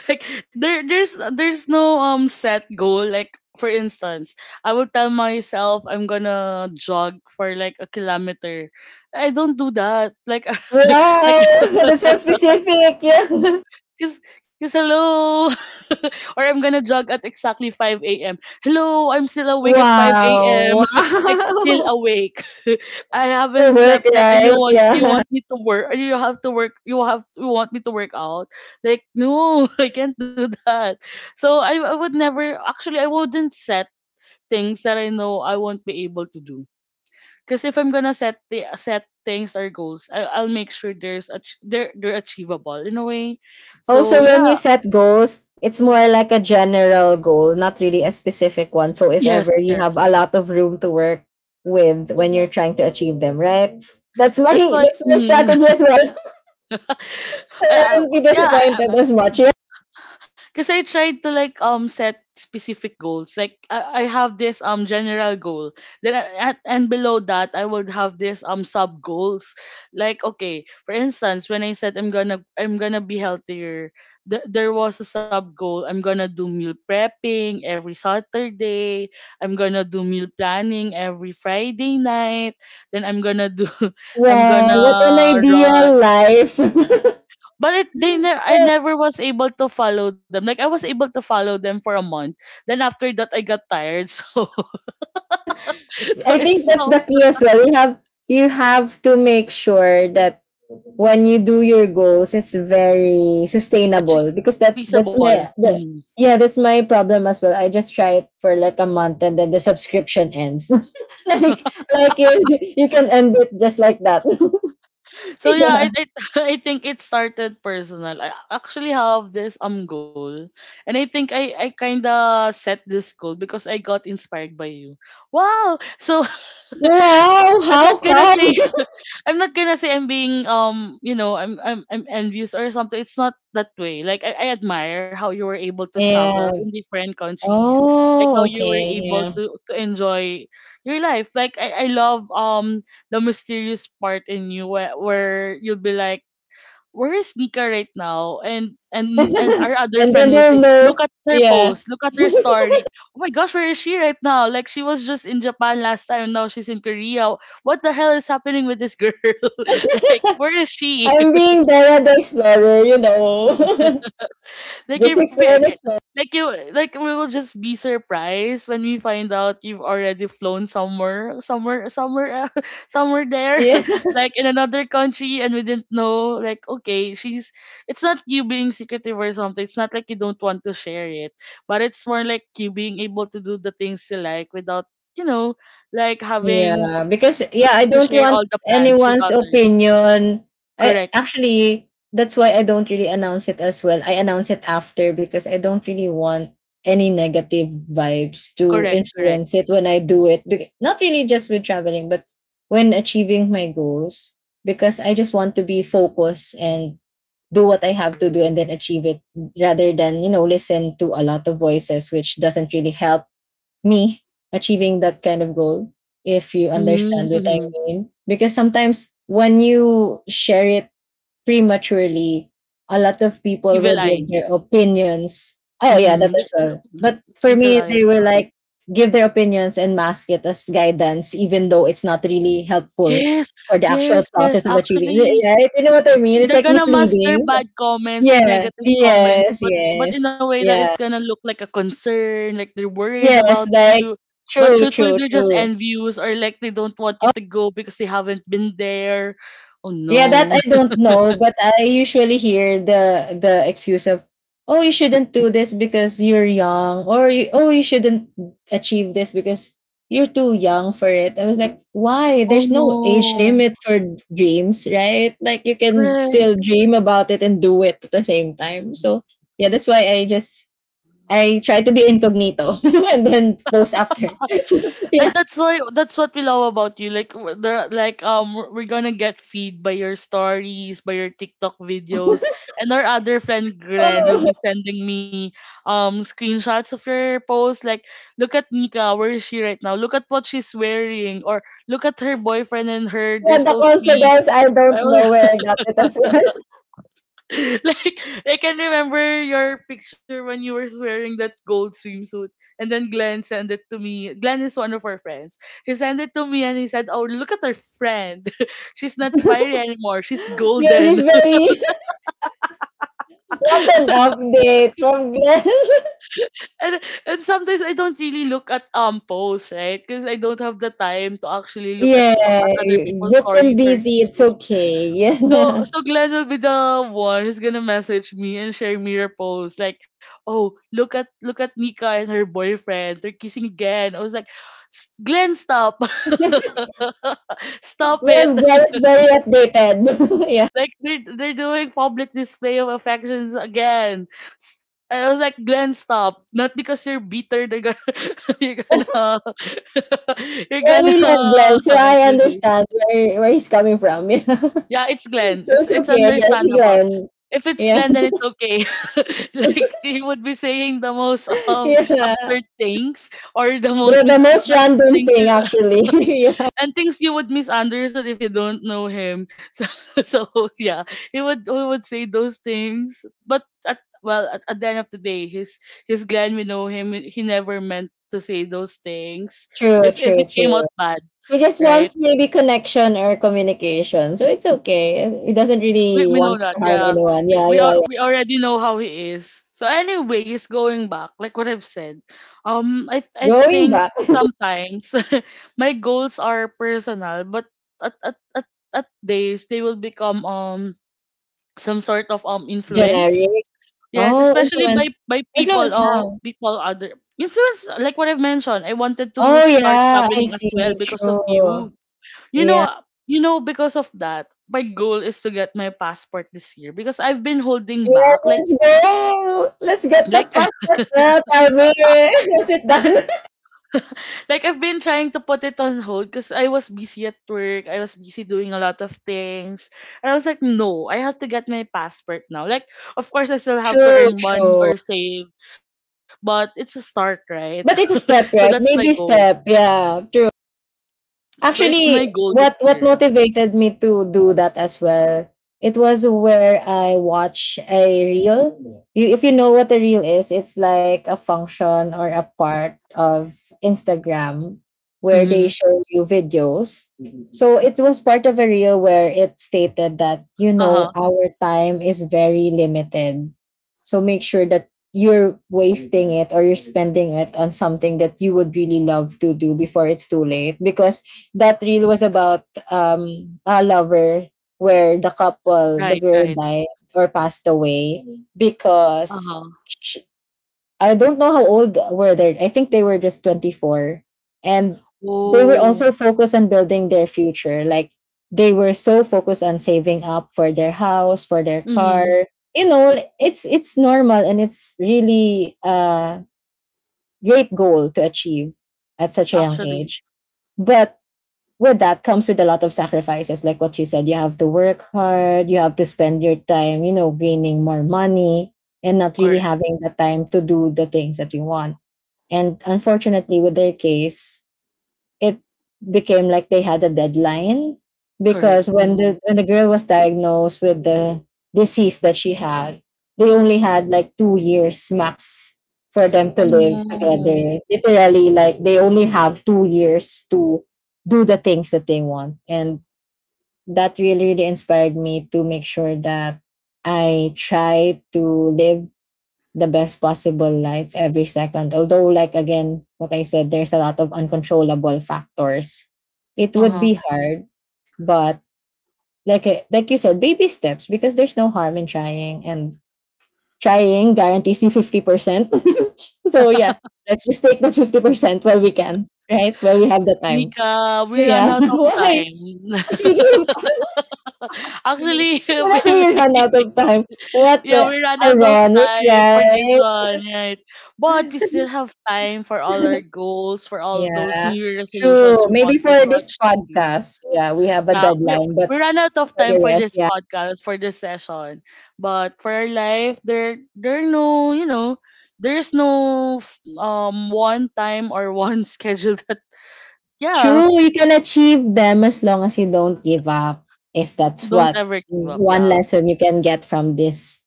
Speaker 1: Like there's no set goal. Like for instance, I would tell myself I'm gonna jog for like a kilometer. I don't do that, like, like
Speaker 2: Wow, that's so specific. Yeah.
Speaker 1: Cause hello, or I'm gonna jog at exactly 5 a.m. Hello, I'm still awake at 5
Speaker 2: Wow,
Speaker 1: a.m. like still
Speaker 2: wow.
Speaker 1: awake. I
Speaker 2: For
Speaker 1: haven't
Speaker 2: work,
Speaker 1: slept yet, and
Speaker 2: right?
Speaker 1: you
Speaker 2: Yeah.
Speaker 1: want me to work. You have to work. You want me to work out. Like no, I can't do that. So I would never. Actually, I wouldn't set things that I know I won't be able to do. Because if I'm gonna set the set things or goals, I'll make sure there's a, they're achievable in a way. So
Speaker 2: Also, when you
Speaker 1: yeah,
Speaker 2: set goals, it's more like a general goal, not really a specific one. So, if ever
Speaker 1: yes,
Speaker 2: you have
Speaker 1: yes.
Speaker 2: a lot of room to work with when you're trying to achieve them, right? That's my
Speaker 1: That's why
Speaker 2: that's my strategy as well. So I
Speaker 1: I I
Speaker 2: won't
Speaker 1: w
Speaker 2: be
Speaker 1: yeah,
Speaker 2: disappointed
Speaker 1: I
Speaker 2: as
Speaker 1: I'm
Speaker 2: much. Yeah.
Speaker 1: because I tried to like set specific goals. Like I have this general goal. Then and below that I would have this sub goals. Like okay, for instance, when I said I'm gonna be healthier, there was a sub goal. I'm gonna do meal prepping every Saturday. I'm gonna do meal planning every Friday night. Then I'm gonna do I'm
Speaker 2: Wow, what an
Speaker 1: gonna
Speaker 2: ideal
Speaker 1: run
Speaker 2: life.
Speaker 1: but I never was able to follow them. Like I was able to follow them for a month. Then after that, I got tired. So so
Speaker 2: I think
Speaker 1: it's
Speaker 2: that's
Speaker 1: so
Speaker 2: the key as well. You have, you have to make sure that when you do your goals, it's very
Speaker 1: actually
Speaker 2: sustainable because that's
Speaker 1: feasible.
Speaker 2: my the,
Speaker 1: Mhm.
Speaker 2: yeah, that's my problem as well. I just try it for like a month and then the subscription ends. like like you you can end it just like that.
Speaker 1: So yeah,
Speaker 2: Yeah.
Speaker 1: I I think it started personal. I actually have this goal, and I think I kinda set this goal because I got inspired by you. Wow! So
Speaker 2: Wow.
Speaker 1: I'm not
Speaker 2: How
Speaker 1: gonna say,
Speaker 2: come?
Speaker 1: I'm not gonna say I'm being you know I'm envious or something. It's not that way. Like I admire how you were able to travel in
Speaker 2: Yeah.
Speaker 1: different countries, like how
Speaker 2: Oh.
Speaker 1: you were
Speaker 2: Okay.
Speaker 1: able
Speaker 2: Yeah.
Speaker 1: to enjoy your life. Like I love the mysterious part in you, where you'll be like, where's Nika right now? And and and
Speaker 2: And
Speaker 1: our other
Speaker 2: then
Speaker 1: friend will
Speaker 2: they'll
Speaker 1: say, look
Speaker 2: know.
Speaker 1: at her
Speaker 2: Yeah.
Speaker 1: post, look at her story. Oh my gosh, where is she right now? Like she was just in Japan last time, now she's in Korea. What the hell is happening with this girl? Like where is she?
Speaker 2: I'm being Dora the Explorer, you know.
Speaker 1: Like
Speaker 2: Just
Speaker 1: if we,
Speaker 2: explore.
Speaker 1: like you, like we will just be surprised when we find out you've already flown somewhere somewhere there,
Speaker 2: Yeah.
Speaker 1: like in another country, and we didn't know. Like, okay, she's, it's not you being secretive or something, it's not like you don't want to share it, but it's more like you being able to do the things you like without, you know, like having
Speaker 2: Yeah, because yeah, I
Speaker 1: to
Speaker 2: don't
Speaker 1: share
Speaker 2: want
Speaker 1: all the plans with
Speaker 2: anyone's
Speaker 1: others.
Speaker 2: opinion. I
Speaker 1: Correct,
Speaker 2: actually, that's why I don't really announce it as well. I announce it after because I don't really want any negative vibes to
Speaker 1: correct, correct.
Speaker 2: influence it when I do it. Not really just with traveling, but when achieving my goals, because I just want to be focused and do what I have to do and then achieve it rather than, you know, listen to a lot of voices, which doesn't really help me achieving that kind of goal, if you
Speaker 1: Mm-hmm,
Speaker 2: understand what I
Speaker 1: mm-hmm.
Speaker 2: mean. Because sometimes when you share it prematurely, a lot of people
Speaker 1: Evil
Speaker 2: will give
Speaker 1: eye.
Speaker 2: their opinions. Oh, yeah,
Speaker 1: Mm,
Speaker 2: that as well.
Speaker 1: the
Speaker 2: But for
Speaker 1: Evil
Speaker 2: me,
Speaker 1: Eye
Speaker 2: they were
Speaker 1: Assault.
Speaker 2: like, give their opinions and mask it as guidance, even though it's not really helpful
Speaker 1: Yes,
Speaker 2: for the
Speaker 1: yes,
Speaker 2: actual
Speaker 1: yes.
Speaker 2: process of achieving it.
Speaker 1: Actually,
Speaker 2: Right? You know what I mean? It's
Speaker 1: they're
Speaker 2: like
Speaker 1: gonna mask their
Speaker 2: misleading.
Speaker 1: bad comments, their
Speaker 2: Yeah.
Speaker 1: negative comments,
Speaker 2: Yes,
Speaker 1: but
Speaker 2: yes.
Speaker 1: in a way that it's
Speaker 2: Yeah.
Speaker 1: gonna look like a concern, like they're worried
Speaker 2: Yes,
Speaker 1: about
Speaker 2: like
Speaker 1: you. But
Speaker 2: true,
Speaker 1: truthfully,
Speaker 2: true,
Speaker 1: they're just
Speaker 2: true.
Speaker 1: envious, or like they don't want you
Speaker 2: Oh,
Speaker 1: to go because they haven't been there. Oh
Speaker 2: yeah, that
Speaker 1: no.
Speaker 2: I don't know, but I usually hear the excuse of, "Oh, you shouldn't do this because you're young," or "Oh, you shouldn't achieve this because you're too young for it." I was like, "Why?
Speaker 1: Oh
Speaker 2: There's no age
Speaker 1: no.
Speaker 2: limit for dreams, right? Like you can
Speaker 1: Correct.
Speaker 2: still dream about it and do it at the same time." So, yeah, that's why I just, I try to be incognito and then post after. Yeah.
Speaker 1: And that's why that's what we love about you. Like there, like we're gonna get feed by your stories, by your TikTok videos, and our other friend Glenn will be
Speaker 2: Oh,
Speaker 1: sending me screenshots of your posts. Like, look at Nika, where is she right now? Look at what she's wearing, or look at her boyfriend and her.
Speaker 2: yeah,
Speaker 1: They're
Speaker 2: the
Speaker 1: so sweet.
Speaker 2: confidence, I don't
Speaker 1: I will
Speaker 2: know where I got it as well.
Speaker 1: like I can remember your picture when you were wearing that gold swimsuit, and then Glenn sent it to me. Glenn is one of our friends. He sent it to me, and he said, "Oh, look at our friend. She's not fiery anymore. She's
Speaker 2: Yeah,
Speaker 1: golden."
Speaker 2: she's very what an update from Glenn.
Speaker 1: and and sometimes I don't really look at posts, right? Because I don't have the time to actually look at
Speaker 2: Yeah,
Speaker 1: at other people's
Speaker 2: booked and
Speaker 1: stories or
Speaker 2: busy. It's
Speaker 1: reels.
Speaker 2: okay.
Speaker 1: So
Speaker 2: Well,
Speaker 1: so Glenn will be the one who's gonna message me and share mirror posts, like, oh, look at Nika and her boyfriend, they're kissing again. I was like, Glenn, stop, stop it!
Speaker 2: Glenn is very updated. Yeah.
Speaker 1: Like they're doing public display of affections again. And I was like, Glenn, stop! Not because you're bitter, they're gonna you're gonna you're
Speaker 2: Well,
Speaker 1: gonna
Speaker 2: we love Glenn, so I
Speaker 1: do this.
Speaker 2: understand where he's coming from. Yeah.
Speaker 1: Yeah, it's
Speaker 2: So
Speaker 1: Glenn. It's
Speaker 2: it's
Speaker 1: it's
Speaker 2: okay, I guess,
Speaker 1: understandable.
Speaker 2: Glenn.
Speaker 1: If it's
Speaker 2: Yeah.
Speaker 1: Glenn, then it's okay. Like he would be saying the most
Speaker 2: Yeah.
Speaker 1: absurd things or the most
Speaker 2: The
Speaker 1: mis
Speaker 2: most
Speaker 1: the
Speaker 2: random
Speaker 1: things
Speaker 2: thing,
Speaker 1: you,
Speaker 2: actually. Yeah.
Speaker 1: and things you would misunderstand if you don't know him. So so yeah, he would say those things. But at the end of the day, his Glenn, we know him. He never meant to say those things.
Speaker 2: True,
Speaker 1: If
Speaker 2: true,
Speaker 1: it came
Speaker 2: true.
Speaker 1: out bad,
Speaker 2: He just
Speaker 1: right?
Speaker 2: wants maybe connection or communication. So it's okay. He doesn't
Speaker 1: We
Speaker 2: really
Speaker 1: we know
Speaker 2: want
Speaker 1: that,
Speaker 2: to harm
Speaker 1: yeah.
Speaker 2: anyone. Yeah, yeah, yeah.
Speaker 1: We already know how he is. So anyways, going back, like what I've said, I
Speaker 2: Going
Speaker 1: think
Speaker 2: back,
Speaker 1: sometimes my goals are personal, but at days they will become some sort of influence.
Speaker 2: generic.
Speaker 1: Yes,
Speaker 2: Oh,
Speaker 1: especially
Speaker 2: influence.
Speaker 1: by people
Speaker 2: Influence
Speaker 1: or
Speaker 2: how?
Speaker 1: people other influence, like what I've mentioned. I wanted to
Speaker 2: Oh,
Speaker 1: start
Speaker 2: yeah. I
Speaker 1: traveling as well
Speaker 2: see.
Speaker 1: because of you.
Speaker 2: True.
Speaker 1: You
Speaker 2: Yeah.
Speaker 1: know, you know, because of that, my goal is to get my passport this year, because I've been holding
Speaker 2: Yeah,
Speaker 1: back.
Speaker 2: let's go. Let's get the
Speaker 1: Like,
Speaker 2: podcast out of here. Is it done?
Speaker 1: like I've been trying to put it on hold because I was busy at work. I was busy doing a lot of things, and I was like, no, I have to get my passport now. Like, of course, I still have to
Speaker 2: True,
Speaker 1: earn money
Speaker 2: true.
Speaker 1: or save, but it's a start, right?
Speaker 2: But it's a
Speaker 1: So that's
Speaker 2: step,
Speaker 1: my
Speaker 2: right?
Speaker 1: goal.
Speaker 2: Maybe step. Yeah, true.
Speaker 1: So it's my
Speaker 2: Actually,
Speaker 1: goal this
Speaker 2: what
Speaker 1: year.
Speaker 2: motivated me to do that as well, it was where I watch a reel. You, if you know what a reel is, it's like a function or a part of Instagram where they
Speaker 1: Mm-hmm.
Speaker 2: show you videos. So it was part of a reel where it stated that you
Speaker 1: Uh
Speaker 2: know
Speaker 1: huh.
Speaker 2: our time is very limited. So make sure that you're wasting it or you're spending it on something that you would really love to do before it's too late, because that reel was about a lover where the couple, the
Speaker 1: Right.
Speaker 2: girl
Speaker 1: Right.
Speaker 2: died or passed away
Speaker 1: Uh
Speaker 2: because
Speaker 1: huh.
Speaker 2: sh I don't know how old were they, I think they were just 24. And they were
Speaker 1: Oh.
Speaker 2: also focused on building their future, like they were so focused on saving up for their house, for their car,
Speaker 1: Mm-hmm.
Speaker 2: you know, it's normal and it's really a great goal to achieve at such a young
Speaker 1: Actually,
Speaker 2: age, but with that comes with a lot of sacrifices. Like what you said, you have to work hard, you have to spend your time, you know, gaining more money and not really
Speaker 1: correct.
Speaker 2: having the time to do the things that you want. And unfortunately with their case, it became like they had a deadline
Speaker 1: Correct,
Speaker 2: because when
Speaker 1: mm.
Speaker 2: the when the girl was diagnosed with the disease that she had, they only had like 2 years max for them to
Speaker 1: Oh,
Speaker 2: live
Speaker 1: no.
Speaker 2: together. Literally, like they only have 2 years to do the things that they want. And that really, really inspired me to make sure that I try to live the best possible life every second. Although, like again, what I said, there's a lot of uncontrollable factors. It would
Speaker 1: Uh-huh.
Speaker 2: be hard, but like I- like you said, baby steps because there's no harm in trying, and trying guarantees you 50%. So yeah, let's just take the 50% while we can, right? While we have the time.
Speaker 1: Nika,
Speaker 2: So
Speaker 1: we ran
Speaker 2: yeah,
Speaker 1: out of
Speaker 2: why?
Speaker 1: time.
Speaker 2: Speaking of,
Speaker 1: Actually,
Speaker 2: when
Speaker 1: we
Speaker 2: we run out
Speaker 1: we
Speaker 2: of time, what
Speaker 1: yeah,
Speaker 2: the
Speaker 1: we ran out of
Speaker 2: ironic,
Speaker 1: time for this
Speaker 2: right?
Speaker 1: one, right? But we still have time for all our goals, for all those
Speaker 2: Yeah,
Speaker 1: new Year
Speaker 2: true.
Speaker 1: resolutions we
Speaker 2: Maybe
Speaker 1: wanted
Speaker 2: for
Speaker 1: to
Speaker 2: this
Speaker 1: achieve.
Speaker 2: podcast, yeah, we have a
Speaker 1: Yeah, we
Speaker 2: deadline, but
Speaker 1: we ran out of
Speaker 2: for
Speaker 1: time
Speaker 2: the
Speaker 1: for
Speaker 2: rest,
Speaker 1: this
Speaker 2: yeah.
Speaker 1: podcast, for this session, but for our life, there are no, you know, there's no f- one time or one schedule that, yeah,
Speaker 2: True, you can achieve them as long as you don't give up. If that's
Speaker 1: don't
Speaker 2: what
Speaker 1: ever give up,
Speaker 2: one
Speaker 1: yeah.
Speaker 2: lesson you can get from this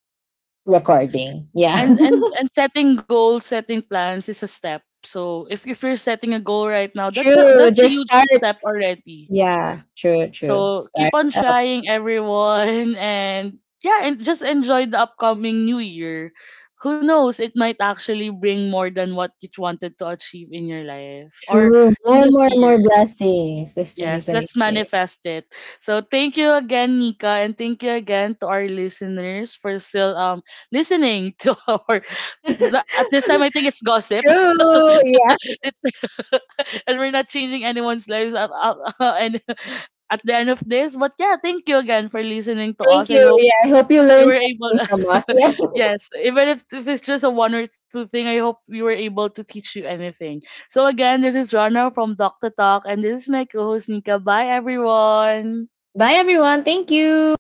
Speaker 2: recording. Yeah.
Speaker 1: And setting goals, setting plans is a step. So if you're setting a goal right now,
Speaker 2: True.
Speaker 1: that's a
Speaker 2: Just
Speaker 1: huge
Speaker 2: start.
Speaker 1: step already.
Speaker 2: Yeah, true, true.
Speaker 1: So keep
Speaker 2: Start
Speaker 1: on
Speaker 2: it up.
Speaker 1: trying, everyone, and yeah, and just enjoy the upcoming new year. Who knows? It might actually bring more than what you wanted to achieve in your life or
Speaker 2: True.
Speaker 1: in
Speaker 2: More,
Speaker 1: this
Speaker 2: more, more
Speaker 1: year.
Speaker 2: blessings this
Speaker 1: Yes, let's
Speaker 2: 2026.
Speaker 1: manifest it. So thank you again, Nika, and thank you again to our listeners for still listening to our. At this time, I think it's gossip.
Speaker 2: True. Yeah.
Speaker 1: It's and we're not changing anyone's lives up, up, and at the end of this. But yeah, thank you again for listening to
Speaker 2: Thank
Speaker 1: us. I
Speaker 2: you.
Speaker 1: hope
Speaker 2: Yeah. I hope you
Speaker 1: you
Speaker 2: learned
Speaker 1: were able
Speaker 2: something from us. Yeah.
Speaker 1: yes, even if it's just a one or two thing, I hope we were able to teach you anything. So again, this is Rana from Doctor Talk, and this is my co-host Nika. Bye everyone.
Speaker 2: Bye, everyone. Thank you.